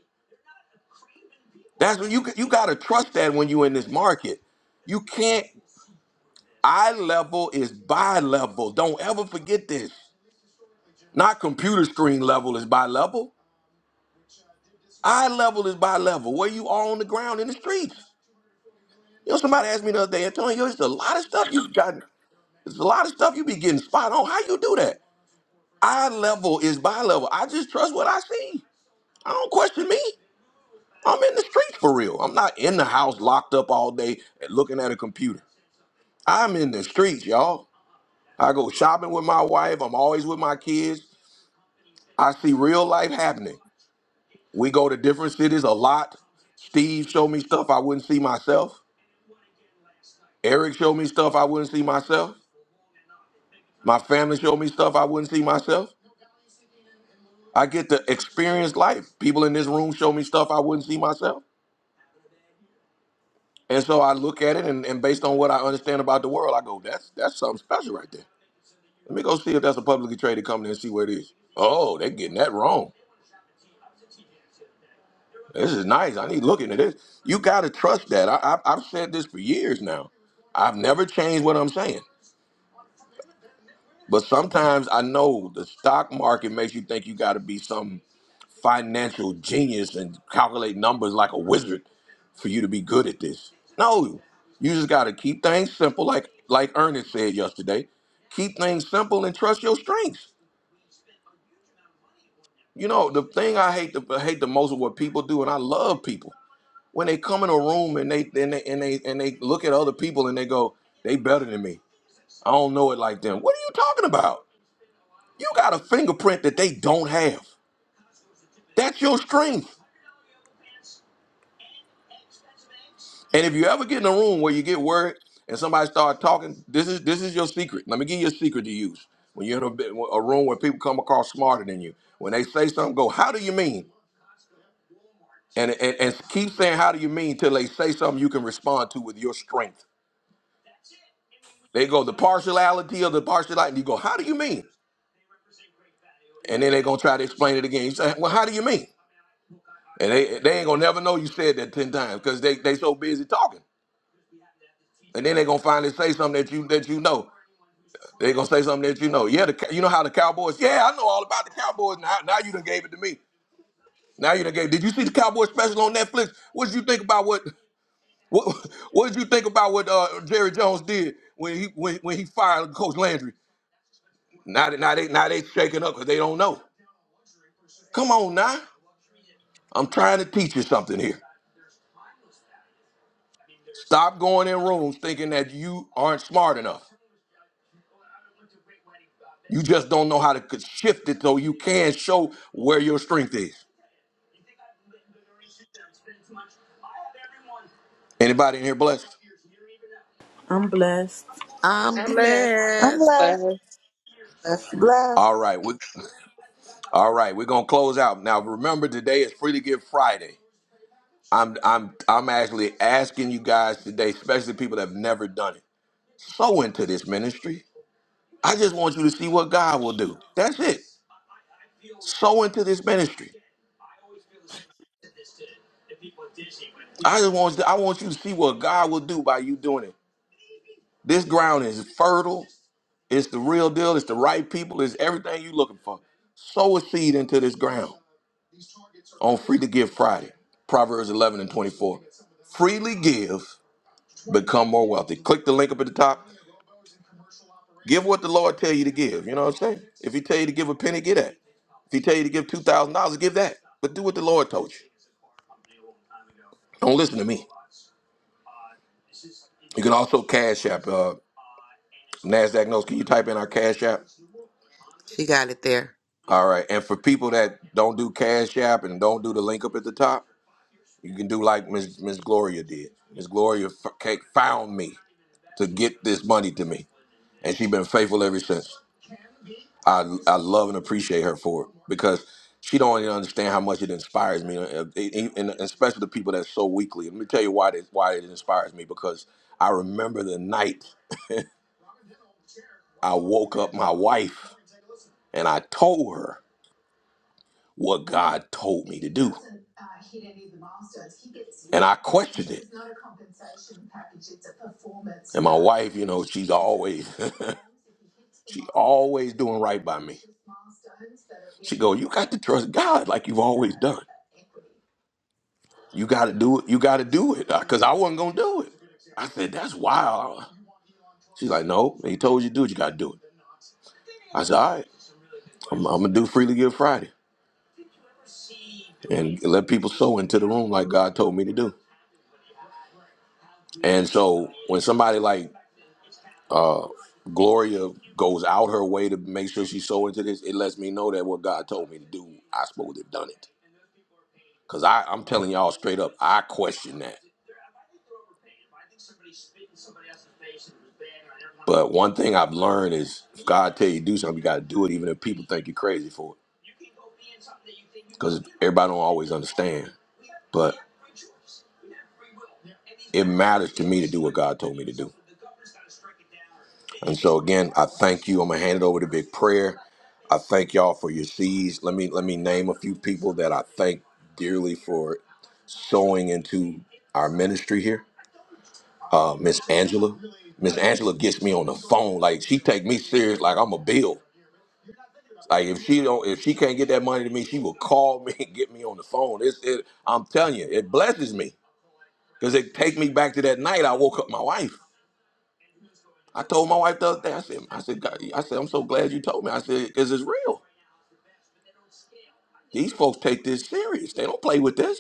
That's what you you got to trust that when you're in this market. You can't eye level is bi level. Don't ever forget this. Not computer screen level is bi level. Eye level is bi level. Where you are on the ground in the streets. You know, somebody asked me the other day, Antonio, there's a lot of stuff you've got. There's a lot of stuff you be getting spot on. How you do that? Eye level is by level. I just trust what I see. I don't question me. I'm in the streets for real. I'm not in the house locked up all day and looking at a computer. I'm in the streets, y'all. I go shopping with my wife. I'm always with my kids. I see real life happening. We go to different cities a lot. Steve showed me stuff I wouldn't see myself. Eric showed me stuff I wouldn't see myself. My family showed me stuff I wouldn't see myself. I get to experience life. People in this room show me stuff I wouldn't see myself. And so I look at it and, and based on what I understand about the world, I go, that's that's something special right there. Let me go see if that's a publicly traded company and see what it is. Oh, they're getting that wrong. This is nice. I need looking at this. You gotta trust that. I, I I've said this for years now. I've never changed what I'm saying. But sometimes I know the stock market makes you think you gotta be something financial genius and calculate numbers like a wizard for you to be good at this. No, you just got to keep things simple, like like Ernest said yesterday. Keep things simple and trust your strengths. You know the thing I hate the I hate the most of what people do, and I love people when they come in a room and they and they and they and they look at other people and they go, they better than me. I don't know it like them. What are you talking about? You got a fingerprint that they don't have. That's your strength. And if you ever get in a room where you get worried and somebody start talking, this is this is your secret. Let me give you a secret to use. When you're in a, bit- a room where people come across smarter than you, when they say something, go, "How do you mean?" And, and and keep saying, "How do you mean?" till they say something you can respond to with your strength. They go the partiality of the partiality. You go, "How do you mean?" And then they're gonna try to explain it again. You say, "Well, how do you mean?" And they they ain't gonna never know you said that ten times because they they so busy talking. And then they're gonna finally say something that you that you know. They gonna say something that you know. Yeah, the, you know how the Cowboys. Yeah, I know all about the Cowboys. Now, now you done gave it to me. Now you done gave. Did you see the Cowboy special on Netflix? What did you think about what? <laughs> What, what did you think about what uh, Jerry Jones did when he when, when he fired Coach Landry? Now, they- now they now they shaking up because they don't know. Come on now, I'm trying to teach you something here. Stop going in rooms thinking that you aren't smart enough. You just don't know how to shift it so you can show where your strength is. Anybody in here blessed?
I'm blessed.
I'm
I'm blessed.
I'm
blessed.
blessed.
that.
Blessed, blessed.
All right. well, All right, we're gonna close out now. Remember, today is Free to Give Friday. I'm I'm I'm actually asking you guys today, especially people that have never done it, sow into this ministry. I just want you to see what God will do. That's it. Sow into this ministry. I just want I want you to see what God will do by you doing it. This ground is fertile. It's the real deal. It's the right people. It's everything you're looking for. Sow a seed into this ground on Free to Give Friday, Proverbs 11 and 24. Freely give become more wealthy. Click the link up at the top. Give what the Lord tell you to give. You know what I'm saying? If He tell you to give a penny, give that. If He tell you to give two thousand dollars, give that. But do what the Lord told you. Don't listen to me. You can also cash app. Uh, Nasdaq knows. Can you type in our cash app?
She got it there.
All right. And for people that don't do cash app and don't do the link up at the top, you can do like Miss Miss Gloria did. Miss Gloria f- ca- found me to get this money to me, and she been faithful ever since. I I love and appreciate her for it because she don't even understand how much it inspires me, and, and- and especially the people that's so weakly. Let me tell you why this, why it inspires me because I remember the night I woke up my wife and I told her what God told me to do. And I questioned it. And my wife, you know, she's always <laughs> she always doing right by me. She go, you got to trust God like you've always done. You got to do it. You got to do it because I wasn't gonna do it. I said, that's wild. She's like, no, he told you to do it. You got to do it. I said, all right, I'm, I'm gonna do freely give Friday and let people sow into the room like God told me to do. And so when somebody like uh, Gloria goes out her way to make sure she's so into this, it lets me know that what God told me to do, I supposed to have done it. Cause I, I'm telling y'all straight up, I question that. But one thing I've learned is if God tell you to do something, you gotta do it, even if people think you're crazy for it. Because everybody don't always understand. But it matters to me to do what God told me to do. And so again, I thank you. I'm gonna hand it over to Big Prayer. I thank y'all for your seeds. Let me let me name a few people that I thank dearly for sowing into our ministry here. Uh, Miss Angela. Miss Angela gets me on the phone. Like she take me serious. Like I'm a bill. Like if she don't, if she can't get that money to me, she will call me <laughs> and get me on the phone. It's, it, I'm telling you, it blesses me because it take me back to that night I woke up my wife. I told my wife the other day. I said, I said, God, I said, I'm so glad you told me. I said, because it's real. These folks take this serious. They don't play with this.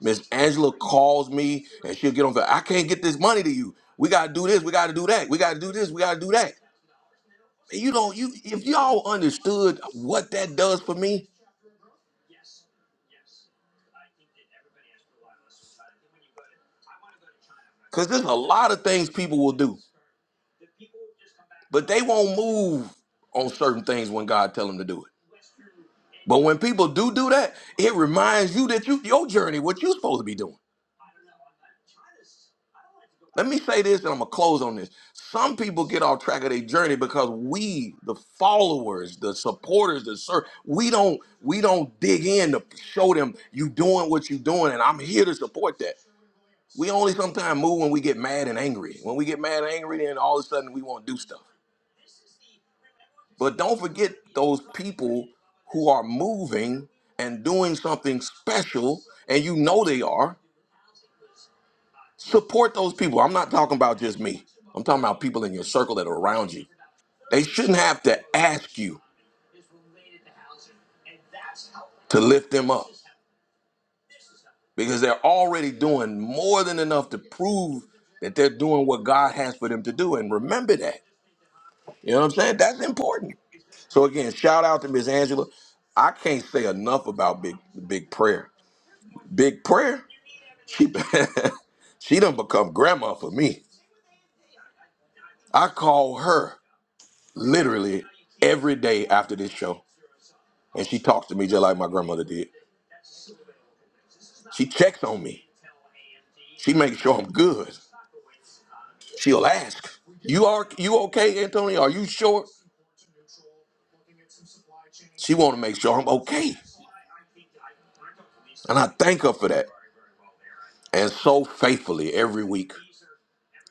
Miss Angela calls me and she'll get on. the- I can't get this money to you. We gotta do this. We gotta do that. We gotta do this. We gotta do that. And you know, you if y'all understood what that does for me, Because there's a lot of things people will do, but they won't move on certain things when God tell them to do it. But when people do do that, it reminds you that you your journey, what you're supposed to be doing. Let me say this, and I'm gonna close on this. Some people get off track of their journey because we, the followers, the supporters, the sir, we don't we don't dig in to show them you doing what you doing, and I'm here to support that. We only sometimes move when we get mad and angry. When we get mad and angry, then all of a sudden we want to do stuff. But don't forget those people who are moving and doing something special, and you know they are. Support those people. I'm not talking about just me, I'm talking about people in your circle that are around you. They shouldn't have to ask you to lift them up because they're already doing more than enough to prove that they're doing what God has for them to do. And remember that. You know what I'm saying? That's important. So again, shout out to Miss Angela. I can't say enough about big big prayer. Big prayer. She <laughs> she done become grandma for me. I call her literally every day after this show, and she talks to me just like my grandmother did. She checks on me. She makes sure I'm good. She'll ask, "You are you okay, Antonio? Are you sure?" She want to make sure I'm okay, and I thank her for that. And so faithfully every week,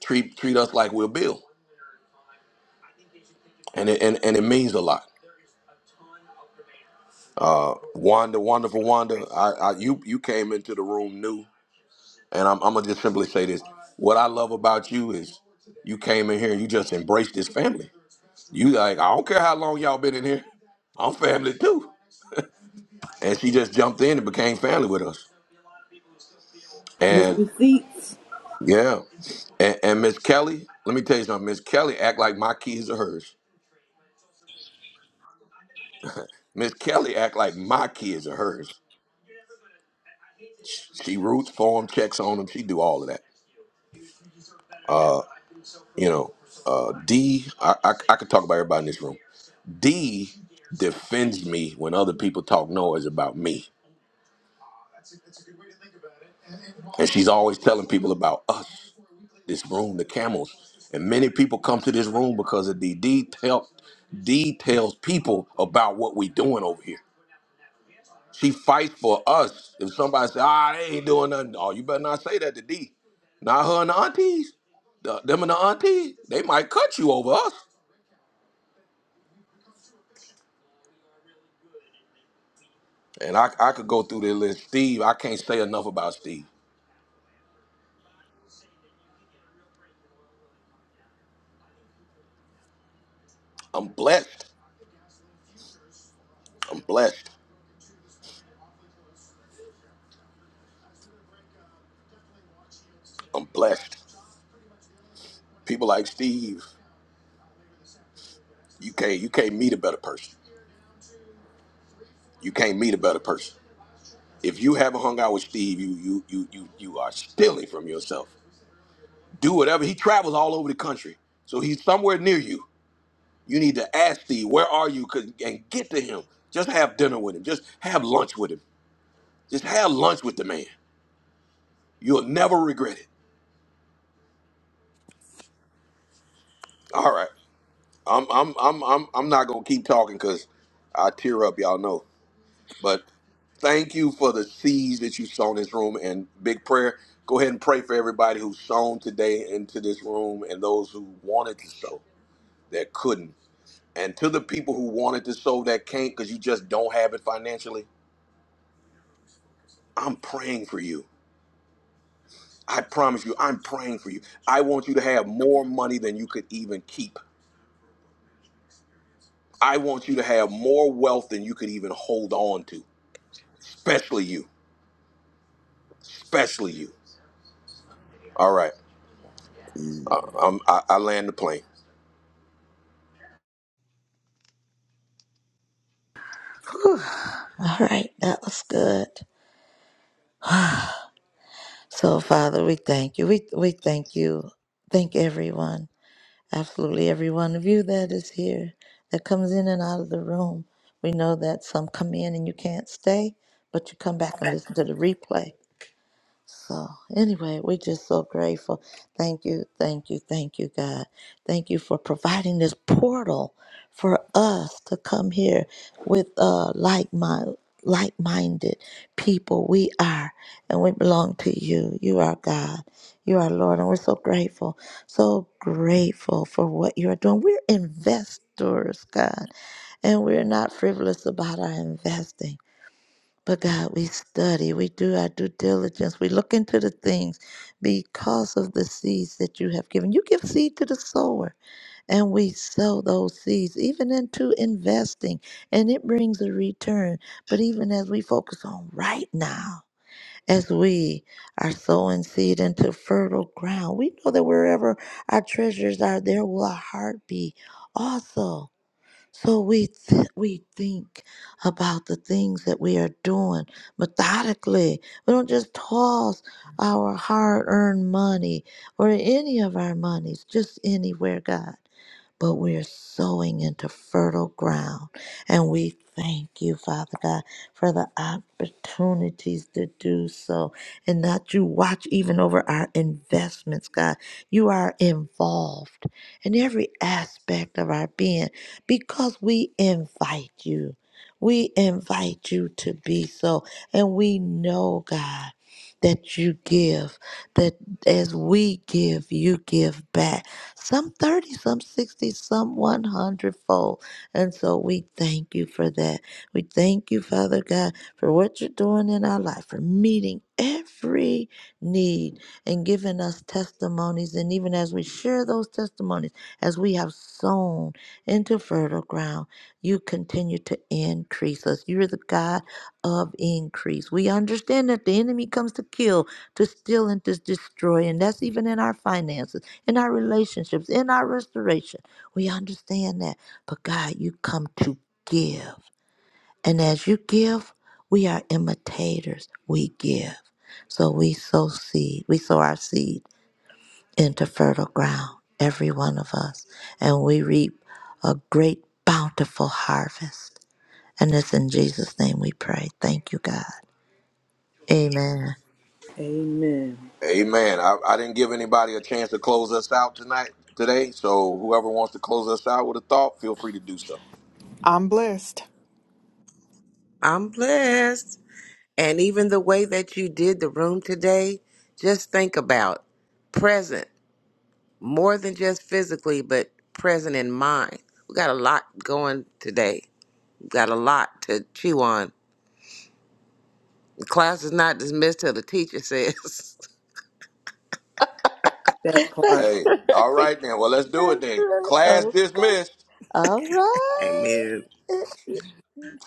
treat treat us like we're Bill, and it, and and it means a lot. Uh, Wanda, wonderful Wanda, I, I you you came into the room new And I'm, I'm gonna just simply say this: What I love about you is you came in here and you just embraced this family. You like, I don't care how long y'all been in here, I'm family too. And she just jumped in and became family with us.
Miss
And
Receipts.
yeah, and, and Miss Kelly, let me tell you something. Miss Kelly act like my kids are hers. Miss Kelly act like my kids are hers. She roots for them, checks on them. She do all of that. Uh, you know, uh, D, I, I, I could talk about everybody in this room. D defends me when other people talk noise about me. And she's always telling people about us, this room, the camels. And many people come to this room because of D. D tell, D tells people about what we doing over here. She fights for us. If somebody say, ah, they ain't doing nothing, oh, you better not say that to D. Not her and the aunties. The- them and the aunties, they might cut you over us. And I, I could go through the list. Steve, I can't say enough about Steve. I'm blessed. I'm blessed. I'm blessed. People like Steve, you can't you can't meet a better person. You can't meet a better person. If you haven't hung out with Steve, you you you you you are stealing from yourself. Do whatever. He travels all over the country, so he's somewhere near you. You need to ask Steve, where are you? 'Cause- and get to him. Just have dinner with him. Just have lunch with him. Just have lunch with the man. You'll never regret it. All right, I'm I'm I'm I'm I'm not gonna keep talking because I tear up. Y'all know, but. Thank you for the seeds that you've sown in this room and big prayer. Go ahead and pray for everybody who's sown today into this room and those who wanted to sow that couldn't. And to the people who wanted to sow that can't because you just don't have it financially, I'm praying for you. I promise you, I'm praying for you. I want you to have more money than you could even keep. I want you to have more wealth than you could even hold on to, especially you, especially you. All right, I, I'm, I, I land the plane.
All right, that was good. <sighs> So, Father, we thank you. We, we thank you. Thank everyone, absolutely every one of you that is here, that comes in and out of the room. We know that some come in and you can't stay, but you come back and listen to the replay. So, anyway, we're just so grateful. Thank you, thank you, thank you, God. Thank you for providing this portal for us to come here with uh, like mind, like-minded people. We are, and we belong to you. You are God. You are Lord, and we're so grateful, so grateful for what you are doing. We're investors, God, and we're not frivolous about our investing. But God, we study, we do our due diligence, we look into the things because of the seeds that you have given. You give seed to the sower, and we sow those seeds, even into investing, and it brings a return. But even as we focus on right now, as we are sowing seed into fertile ground, we know that wherever our treasures are, there will our heart be also. So we th- we think about the things that we are doing methodically. We don't just toss our hard-earned money or any of our monies just anywhere, God but we are sowing into fertile ground. And we thank you, Father God, for the opportunities to do so. And that you watch even over our investments, God. You are involved in every aspect of our being because we invite you. We invite you to be so. And we know, God, that you give, that as we give, you give back some 30, some 60, some 100 fold. And so we thank you for that. We thank you, Father God, for what you're doing in our life, for meeting every need and giving us testimonies. And even as we share those testimonies, as we have sown into fertile ground, you continue to increase us. You're the God of increase. We understand that the enemy comes to kill, to steal, and to destroy. And that's even in our finances in our relationships, in our restoration. We understand that. But God, you come to give. And as you give, we are imitators. We give. So we sow seed. We sow our seed into fertile ground, every one of us. And we reap a great, bountiful harvest. And it's in Jesus' name we pray. Thank you, God. Amen.
Amen.
Amen. I, I didn't give anybody a chance to close us out tonight, today. So whoever wants to close us out with a thought, feel free to do so.
I'm blessed.
I'm blessed. And even the way that you did the room today, just think about present more than just physically, but present in mind. We got a lot going today. We got a lot to chew on. The class is not dismissed till the teacher says.
<laughs>
That part.
That's
Hey,
right. That's
all right then. Well, let's do it then.
right.
Class
Okay.
dismissed.
All
<laughs> Amen.
right. <laughs>